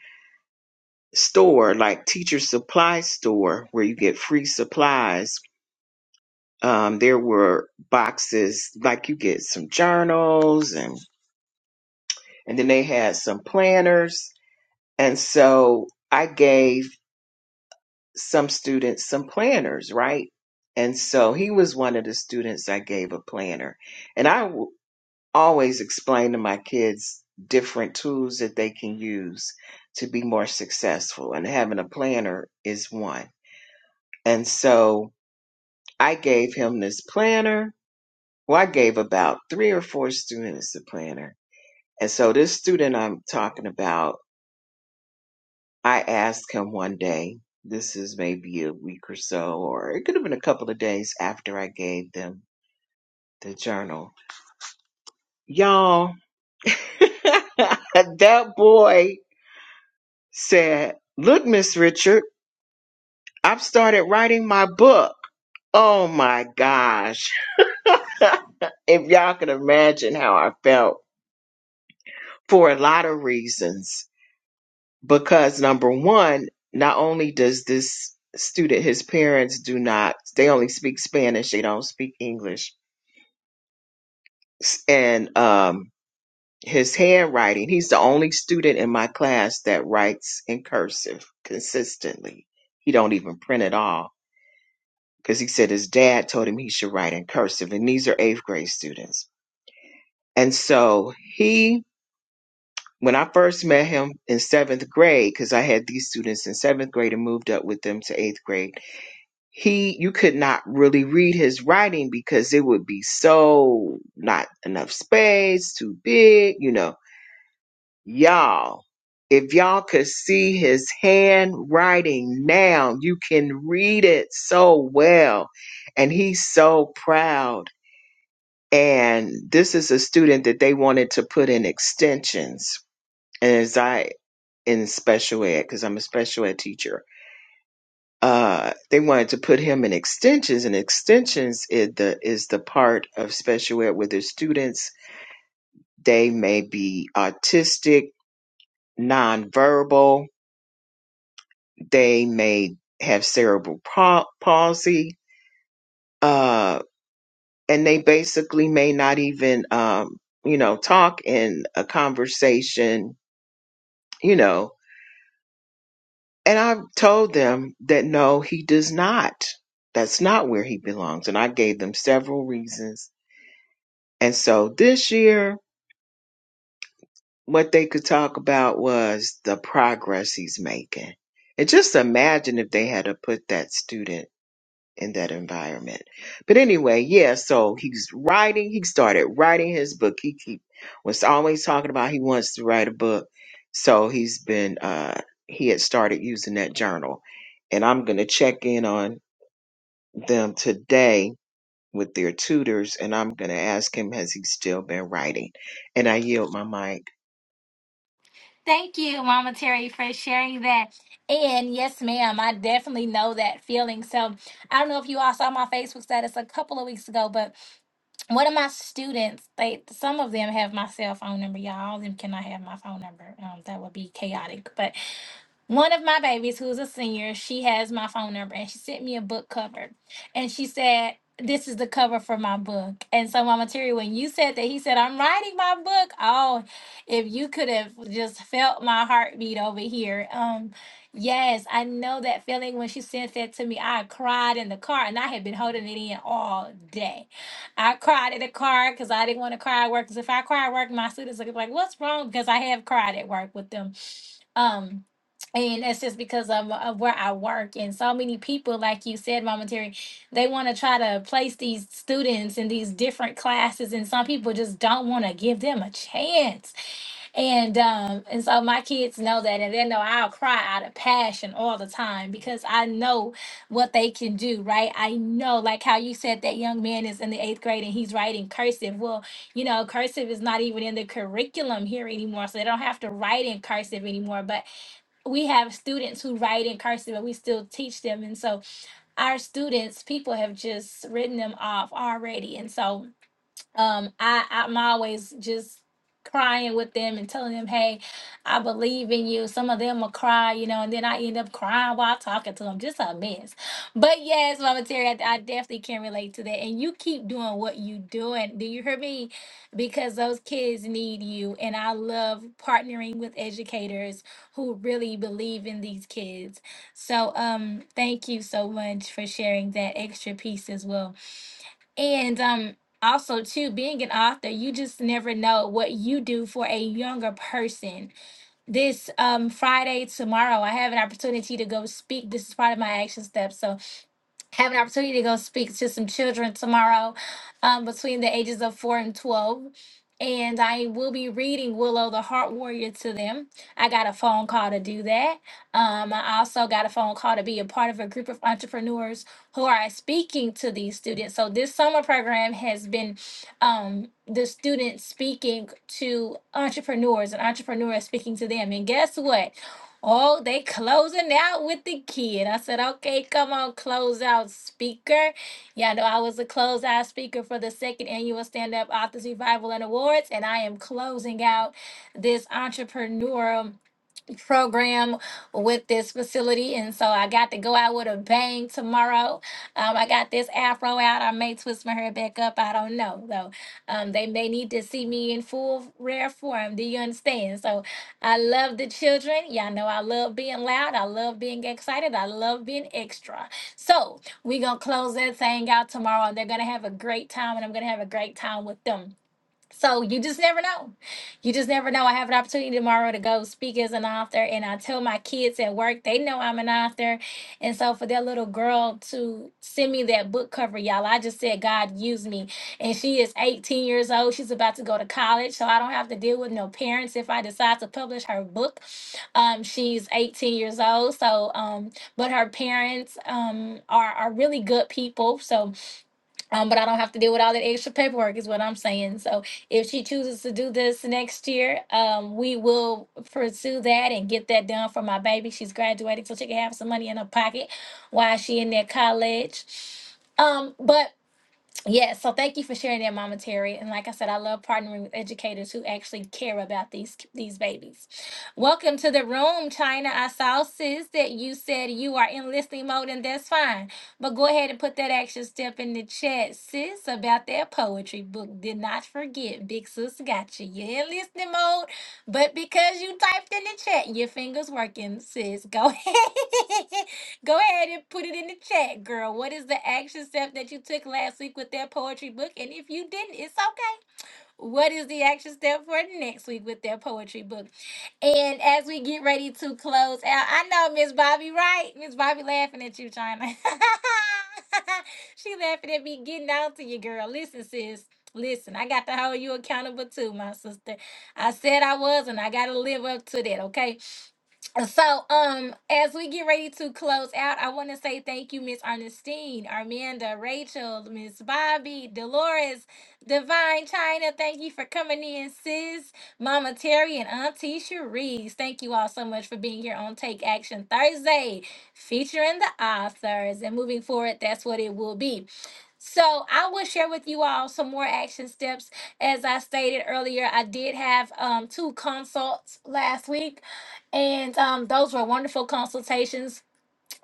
S10: store, like teacher supply store where you get free supplies, um, there were boxes like you get some journals and, and then they had some planners. And so I gave some students some planners, right? And so he was one of the students I gave a planner. And I w- always explain to my kids different tools that they can use to be more successful. And having a planner is one. And so I gave him this planner. Well, I gave about three or four students a planner. And so this student I'm talking about I asked him one day, this is maybe a week or so, or it could have been a couple of days after I gave them the journal. Y'all, that boy said, Look, Miss Richard, I've started writing my book. Oh my gosh. if y'all can imagine how I felt for a lot of reasons. Because number one, not only does this student, his parents do not, they only speak Spanish, they don't speak English and um, his handwriting. He's the only student in my class that writes in cursive consistently. He don't even print at all because he said his dad told him he should write in cursive, and these are eighth grade students. And so he, when I first met him in seventh grade, because I had these students in seventh grade and moved up with them to eighth grade. He, you could not really read his writing because it would be so not enough space, too big, you know Y'all, if y'all could see his handwriting now, you can read it so well. And he's so proud. And this is a student that they wanted to put in extensions. And as I in special ed, because I'm a special ed teacher, uh, they wanted to put him in extensions, and extensions is the is the part of special ed where the students they may be autistic, nonverbal, they may have cerebral pa- palsy, uh, and they basically may not even, um, you know, talk in a conversation, you know. And I've told them that no, he does not. That's not where he belongs. And I gave them several reasons. And so this year, what they could talk about was the progress he's making. And just imagine if they had to put that student in that environment. But anyway, yeah, so he's writing, he started writing his book. He, he was always talking about he wants to write a book. So he's been uh he had started using that journal. And I'm gonna check in on them today with their tutors and I'm gonna ask him has he still been writing. And I yield my mic.
S1: Thank you, Mama Terry, for sharing that. And yes, ma'am, I definitely know that feeling. So I don't know if you all saw my Facebook status a couple of weeks ago, but one of my students, they some of them have my cell phone number. Y'all, all of them cannot have my phone number. Um, that would be chaotic. But One of my babies, who's a senior, she has my phone number and she sent me a book cover. And she said, This is the cover for my book. And so, Mama Terry, when you said that, he said, I'm writing my book. Oh, if you could have just felt my heartbeat over here. Um, yes, I know that feeling when she sent that to me. I cried in the car and I had been holding it in all day. I cried in the car because I didn't want to cry at work. Because if I cry at work, my students look like, What's wrong? Because I have cried at work with them. Um, and that's just because of, of where I work. And so many people, like you said, Mama Terry, they want to try to place these students in these different classes, and some people just don't want to give them a chance. And um, and so my kids know that, and they know I'll cry out of passion all the time because I know what they can do, right? I know, like how you said that young man is in the eighth grade and he's writing cursive. Well, you know, cursive is not even in the curriculum here anymore, so they don't have to write in cursive anymore. But we have students who write in cursive and we still teach them and so our students people have just written them off already and so um i i'm always just crying with them and telling them hey i believe in you some of them will cry you know and then i end up crying while talking to them just a mess but yes mama terry i, I definitely can relate to that and you keep doing what you doing do you hear me because those kids need you and i love partnering with educators who really believe in these kids so um thank you so much for sharing that extra piece as well and um also too being an author, you just never know what you do for a younger person. This um Friday tomorrow, I have an opportunity to go speak. This is part of my action steps. So have an opportunity to go speak to some children tomorrow um, between the ages of 4 and 12. And I will be reading Willow the Heart Warrior to them. I got a phone call to do that. Um, I also got a phone call to be a part of a group of entrepreneurs who are speaking to these students. So this summer program has been um, the students speaking to entrepreneurs and entrepreneurs speaking to them. And guess what? Oh, they closing out with the kid. I said, okay, come on, close out speaker. Yeah, I know I was the close out speaker for the second annual Stand Up Authors Revival and Awards, and I am closing out this entrepreneurial program with this facility and so i got to go out with a bang tomorrow um, i got this afro out i may twist my hair back up i don't know though um, they may need to see me in full rare form do you understand so i love the children y'all know i love being loud i love being excited i love being extra so we gonna close that thing out tomorrow and they're gonna have a great time and i'm gonna have a great time with them so you just never know. You just never know. I have an opportunity tomorrow to go speak as an author, and I tell my kids at work they know I'm an author, and so for that little girl to send me that book cover, y'all, I just said God use me, and she is 18 years old. She's about to go to college, so I don't have to deal with no parents if I decide to publish her book. Um, she's 18 years old, so um, but her parents um are are really good people, so um, but I don't have to deal with all that extra paperwork, is what I'm saying. So if she chooses to do this next year, um, we will pursue that and get that done for my baby. She's graduating, so she can have some money in her pocket while she in that college. Um, but yeah, so thank you for sharing that, Mama Terry. And like I said, I love partnering with educators who actually care about these these babies. Welcome to the room, China. I saw sis that you said you are in listening mode, and that's fine. But go ahead and put that action step in the chat, sis, about that poetry book. Did not forget, big sis got you. You're in listening mode, but because you typed in the chat, your fingers working, sis. Go ahead. Go ahead and put it in the chat, girl. What is the action step that you took last week with that poetry book? And if you didn't, it's okay. What is the action step for next week with that poetry book? And as we get ready to close out, I know Miss Bobby, right? Miss Bobby laughing at you, China. she laughing at me getting out to you, girl. Listen, sis. Listen, I got to hold you accountable too, my sister. I said I was, and I got to live up to that, okay? so um as we get ready to close out i want to say thank you miss ernestine armanda rachel miss bobby dolores divine china thank you for coming in sis mama terry and auntie cherise thank you all so much for being here on take action thursday featuring the authors and moving forward that's what it will be so I will share with you all some more action steps. As I stated earlier, I did have um, two consults last week and um, those were wonderful consultations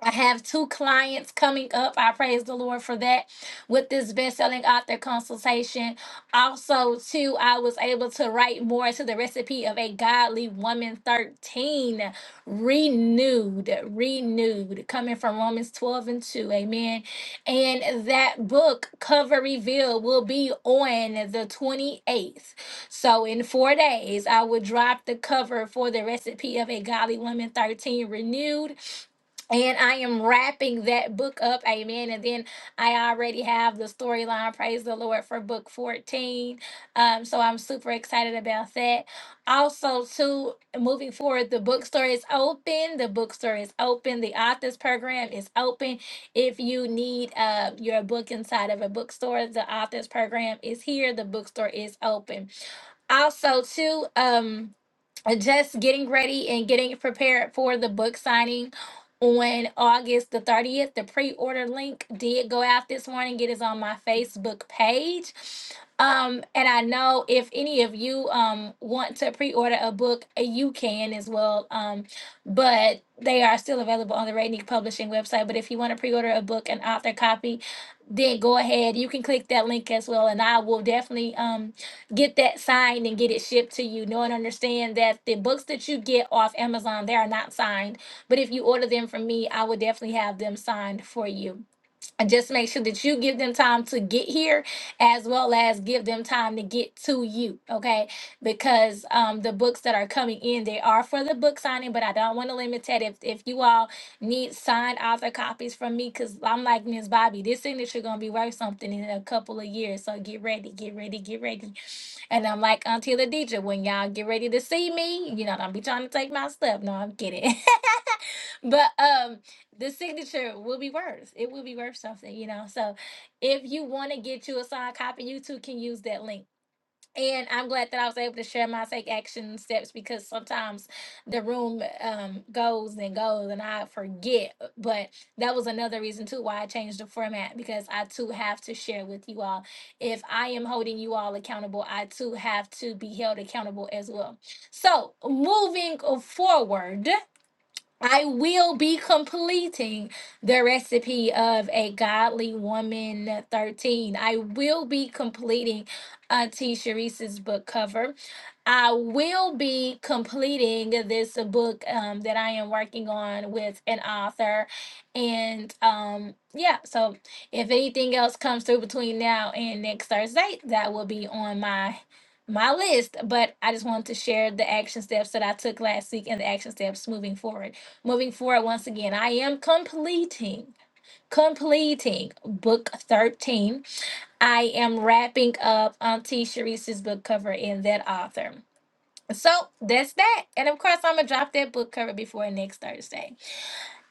S1: I have two clients coming up. I praise the Lord for that with this best-selling author consultation. Also, too, I was able to write more to the recipe of a godly woman 13 renewed, renewed, coming from Romans 12 and 2. Amen. And that book cover reveal will be on the 28th. So in four days, I will drop the cover for the recipe of a godly woman 13 renewed and I am wrapping that book up, amen. And then I already have the storyline, praise the Lord, for book 14. Um, so I'm super excited about that. Also, too, moving forward, the bookstore is open. The bookstore is open. The authors program is open. If you need uh, your book inside of a bookstore, the authors program is here. The bookstore is open. Also, too, um, uh, just getting ready and getting prepared for the book signing on August the 30th. The pre order link did go out this morning. It is on my Facebook page. Um, and I know if any of you um, want to pre order a book, uh, you can as well. Um, but they are still available on the Radnick Publishing website. But if you want to pre order a book, an author copy, then go ahead. You can click that link as well. And I will definitely. Um, get that signed and get it shipped to you. Know and understand that the books that you get off Amazon, they are not signed. But if you order them from me, I will definitely have them signed for you and just make sure that you give them time to get here as well as give them time to get to you okay because um the books that are coming in they are for the book signing but i don't want to limit that if if you all need signed author copies from me because i'm like miss bobby this signature gonna be worth something in a couple of years so get ready get ready get ready and i'm like auntie the when y'all get ready to see me you know don't be trying to take my stuff no i'm kidding But um the signature will be worth. It will be worth something, you know. So if you want to get you a signed copy, you too can use that link. And I'm glad that I was able to share my take action steps because sometimes the room um, goes and goes and I forget. But that was another reason too why I changed the format because I too have to share with you all. If I am holding you all accountable, I too have to be held accountable as well. So moving forward. I will be completing the recipe of a godly woman 13. I will be completing Auntie Sharice's book cover. I will be completing this book um, that I am working on with an author. And um, yeah, so if anything else comes through between now and next Thursday, that will be on my my list. But I just wanted to share the action steps that I took last week and the action steps moving forward. Moving forward, once again, I am completing completing book 13 I am wrapping up Auntie Sharice's book cover in that author. So that's that. And of course, I'm going to drop that book cover before next Thursday.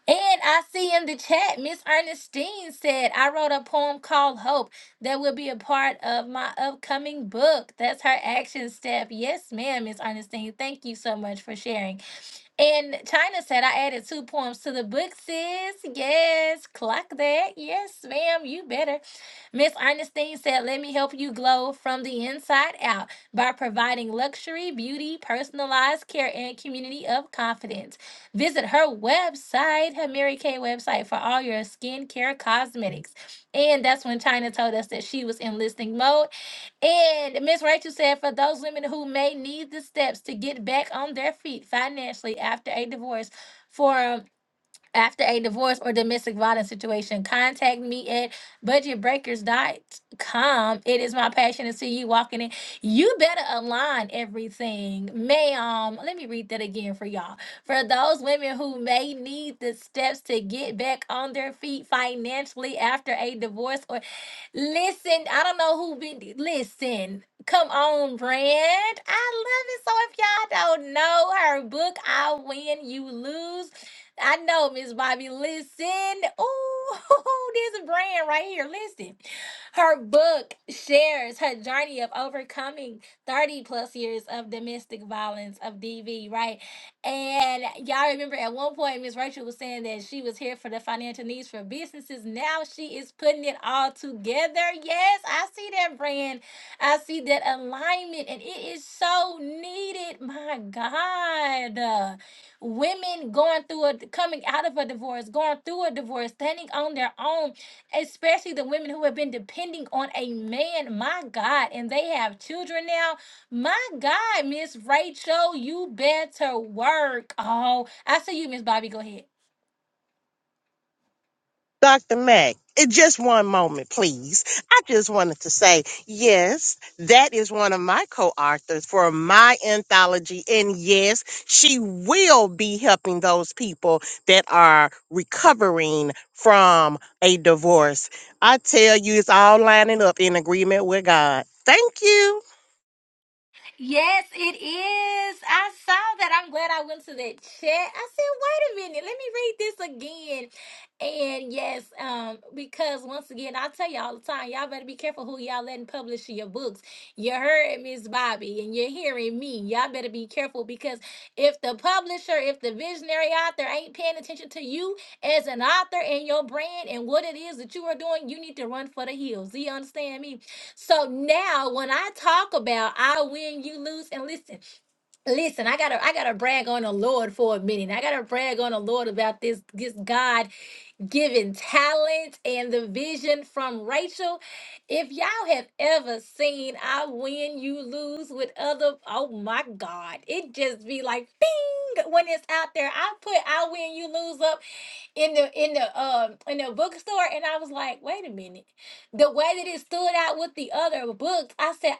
S1: And I see in the chat, Miss Ernestine said, I wrote a poem called Hope that will be a part of my upcoming book. That's her action step. Yes, ma'am, Miss Ernestine. Thank you so much for sharing. And China said, I added two poems to the book, sis. Yes, clock that. Yes, ma'am, you better. Miss Ernestine said, Let me help you glow from the inside out by providing luxury, beauty, personalized care, and community of confidence. Visit her website, her Mary Kay website, for all your skincare cosmetics. And that's when China told us that she was in listening mode. And Miss Rachel said, for those women who may need the steps to get back on their feet financially after a divorce, for." after a divorce or domestic violence situation, contact me at budget breakers dot com. It is my passion to see you walking in. You better align everything. Ma'am, let me read that again for y'all. For those women who may need the steps to get back on their feet financially after a divorce or listen, I don't know who been listen. Come on, brand. I love it. So if y'all don't know her book, I win, you lose I know, Miss Bobby. Listen. Oh, there's a brand right here. Listen. Her book shares her journey of overcoming 30 plus years of domestic violence of DV, right? And y'all remember at one point, Miss Rachel was saying that she was here for the financial needs for businesses. Now she is putting it all together. Yes, I see that brand. I see that alignment, and it is so needed. My God women going through a coming out of a divorce, going through a divorce, standing on their own, especially the women who have been depending on a man. My God, and they have children now. My God, Miss Rachel, you better work. Oh, I see you, Miss Bobby. Go ahead.
S5: Dr. Mack, eh, just one moment, please. I just wanted to say, yes, that is one of my co-authors for my anthology. And yes, she will be helping those people that are recovering from a divorce. I tell you, it's all lining up in agreement with God. Thank you.
S1: Yes, it is. I saw that. I'm glad I went to that chat. I said, wait a minute, let me read this again. And yes, um, because once again, I tell you all the time, y'all better be careful who y'all letting publish your books. You heard Miss Bobby and you're hearing me. Y'all better be careful because if the publisher, if the visionary author ain't paying attention to you as an author and your brand and what it is that you are doing, you need to run for the hills. Do you understand me? So now when I talk about I win, you lose, and listen, listen, I gotta I gotta brag on the Lord for a minute. I gotta brag on the Lord about this this God given talent and the vision from Rachel. If y'all have ever seen I win, you lose with other, oh my God, it just be like bing when it's out there. I put I win, you lose up in the in the um in the bookstore, and I was like, wait a minute, the way that it stood out with the other books, I said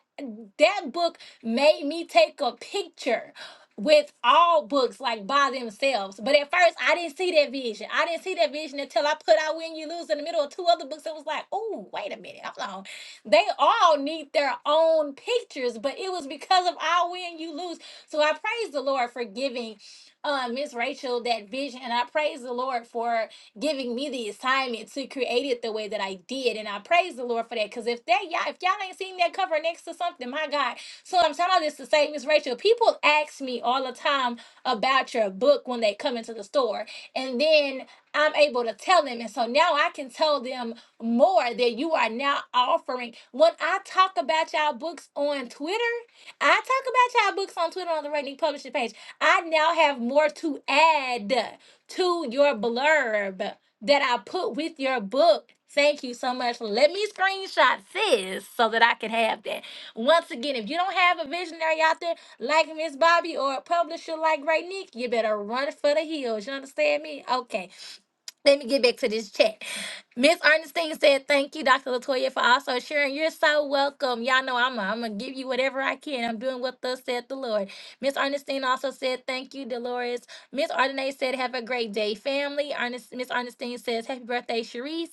S1: that book made me take a picture with all books like by themselves. But at first, I didn't see that vision. I didn't see that vision until I put out Win, You Lose in the middle of two other books. It was like, oh, wait a minute, hold on. They all need their own pictures, but it was because of our Win, You Lose. So I praise the Lord for giving uh, Miss Rachel that vision, and I praise the Lord for giving me the assignment to create it the way that I did. And I praise the Lord for that because if that y'all, if y'all ain't seen that cover next to something, my God. So I'm telling all this to say, Miss Rachel, people ask me all the time about your book when they come into the store. And then I'm able to tell them. And so now I can tell them more that you are now offering. When I talk about y'all books on Twitter, I talk about y'all books on Twitter on the Rating Publishing page. I now have more to add to your blurb that I put with your book. Thank you so much. Let me screenshot this so that I can have that. Once again, if you don't have a visionary out there like Miss Bobby or a publisher like Ray Nick, you better run for the hills. You understand me? Okay. Let me get back to this chat. Miss Ernestine said, Thank you, Dr. Latoya, for also sharing. You're so welcome. Y'all know I'm, I'm going to give you whatever I can. I'm doing what thus said the Lord. Miss Ernestine also said, Thank you, Dolores. Miss Ardenay said, Have a great day, family. Ernest, Miss Ernestine says, Happy birthday, Sharice.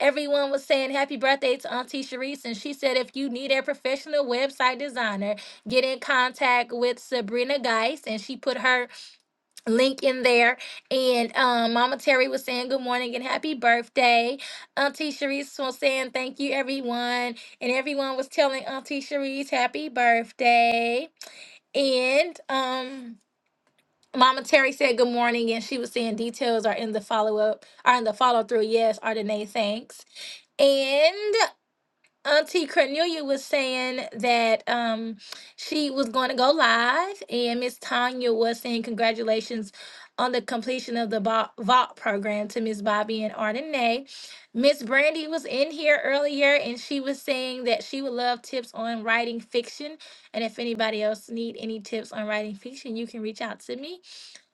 S1: Everyone was saying happy birthday to Auntie Sharice. And she said, If you need a professional website designer, get in contact with Sabrina Geis. And she put her link in there. And um, Mama Terry was saying good morning and happy birthday. Auntie Sharice was saying thank you, everyone. And everyone was telling Auntie Sharice happy birthday. And um, Mama Terry said good morning, and she was saying details are in the follow up, are in the follow through. Yes, Ardenae, thanks. And Auntie Cornelia was saying that um, she was going to go live, and Miss Tanya was saying congratulations on the completion of the Vo- vault program to Miss Bobby and Ardenae. Miss Brandy was in here earlier, and she was saying that she would love tips on writing fiction, and if anybody else need any tips on writing fiction, you can reach out to me.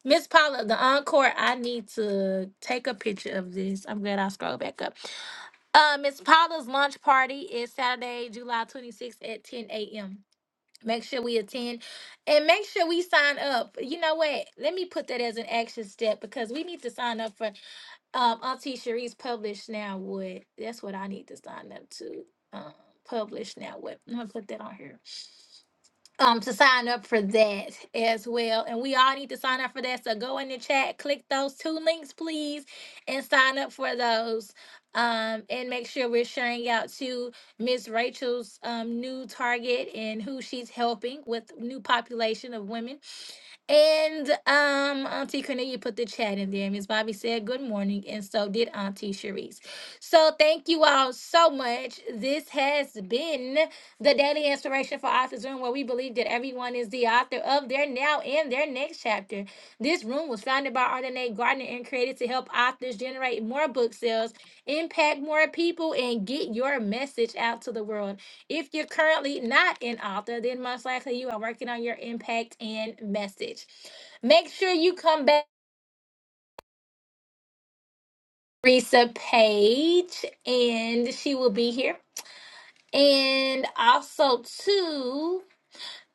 S1: Miss Paula, the encore. I need to take a picture of this. I'm glad I scrolled back up. Uh, Miss Paula's launch party is Saturday, July 26th at 10 a.m. Make sure we attend and make sure we sign up. You know what? Let me put that as an action step because we need to sign up for um, Auntie Cherie's Publish Now What. That's what I need to sign up to. Um, Publish Now What. I'm going to put that on here um to sign up for that as well. And we all need to sign up for that. So go in the chat, click those two links, please, and sign up for those. Um, and make sure we're sharing out to Miss Rachel's um, new target and who she's helping with new population of women and um, Auntie Cornelia put the chat in there. Miss Bobby said good morning, and so did Auntie Cherise. So thank you all so much. This has been the Daily Inspiration for Authors Room, where we believe that everyone is the author of their now and their next chapter. This room was founded by Ardenae Gardner and created to help authors generate more book sales, impact more people, and get your message out to the world. If you're currently not an author, then most likely you are working on your impact and message. Make sure you come back, to Risa Page, and she will be here. And also, too.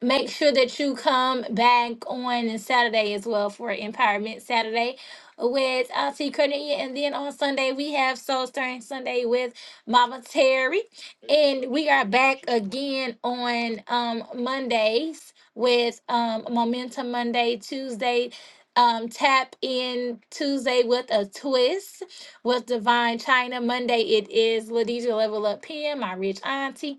S1: Make sure that you come back on Saturday as well for Empowerment Saturday with Auntie Cornelia. And then on Sunday, we have Soul Stirring Sunday with Mama Terry. And we are back again on um, Mondays with um, Momentum Monday, Tuesday. Um, tap in Tuesday with a twist with Divine China. Monday it is Ladija Level Up PM, my rich auntie.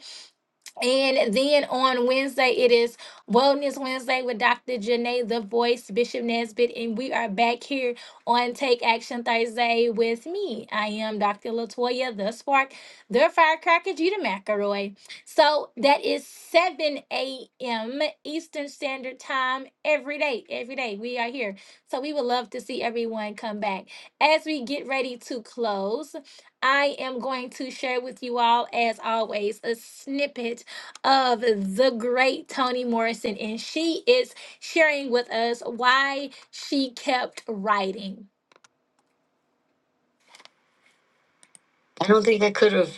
S1: And then on Wednesday, it is Wellness Wednesday with Dr. Janae, The Voice, Bishop Nesbitt, and we are back here on Take Action Thursday with me. I am Dr. Latoya, the Spark, the Firecracker, Gita McElroy. So that is 7 a.m. Eastern Standard Time every day. Every day we are here. So we would love to see everyone come back. As we get ready to close, I am going to share with you all, as always, a snippet of the great Toni Morrison, and she is sharing with us why she kept writing. I don't think I could have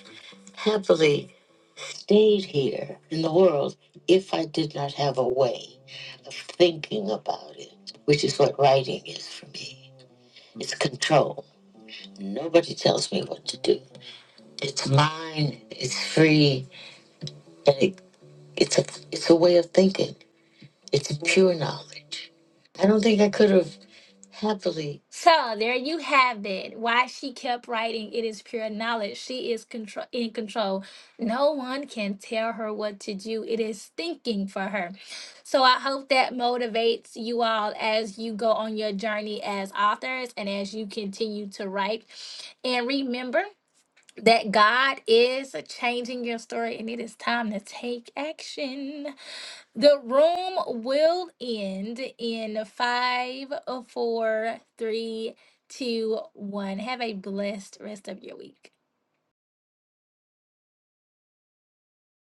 S1: happily stayed here in the world if I did not have a way of thinking about it, which is what writing is for me. It's control. Nobody tells me what to do. It's mine. It's free, and it, it's a it's a way of thinking. It's pure knowledge. I don't think I could have. heavily. So there you have it. Why she kept writing, it is pure knowledge. She is control in control. No one can tell her what to do. It is thinking for her. So I hope that motivates you all as you go on your journey as authors and as you continue to write. And remember that God is changing your story and it is time to take action. The room will end in five, four, three, two, one. Have a blessed rest of your week.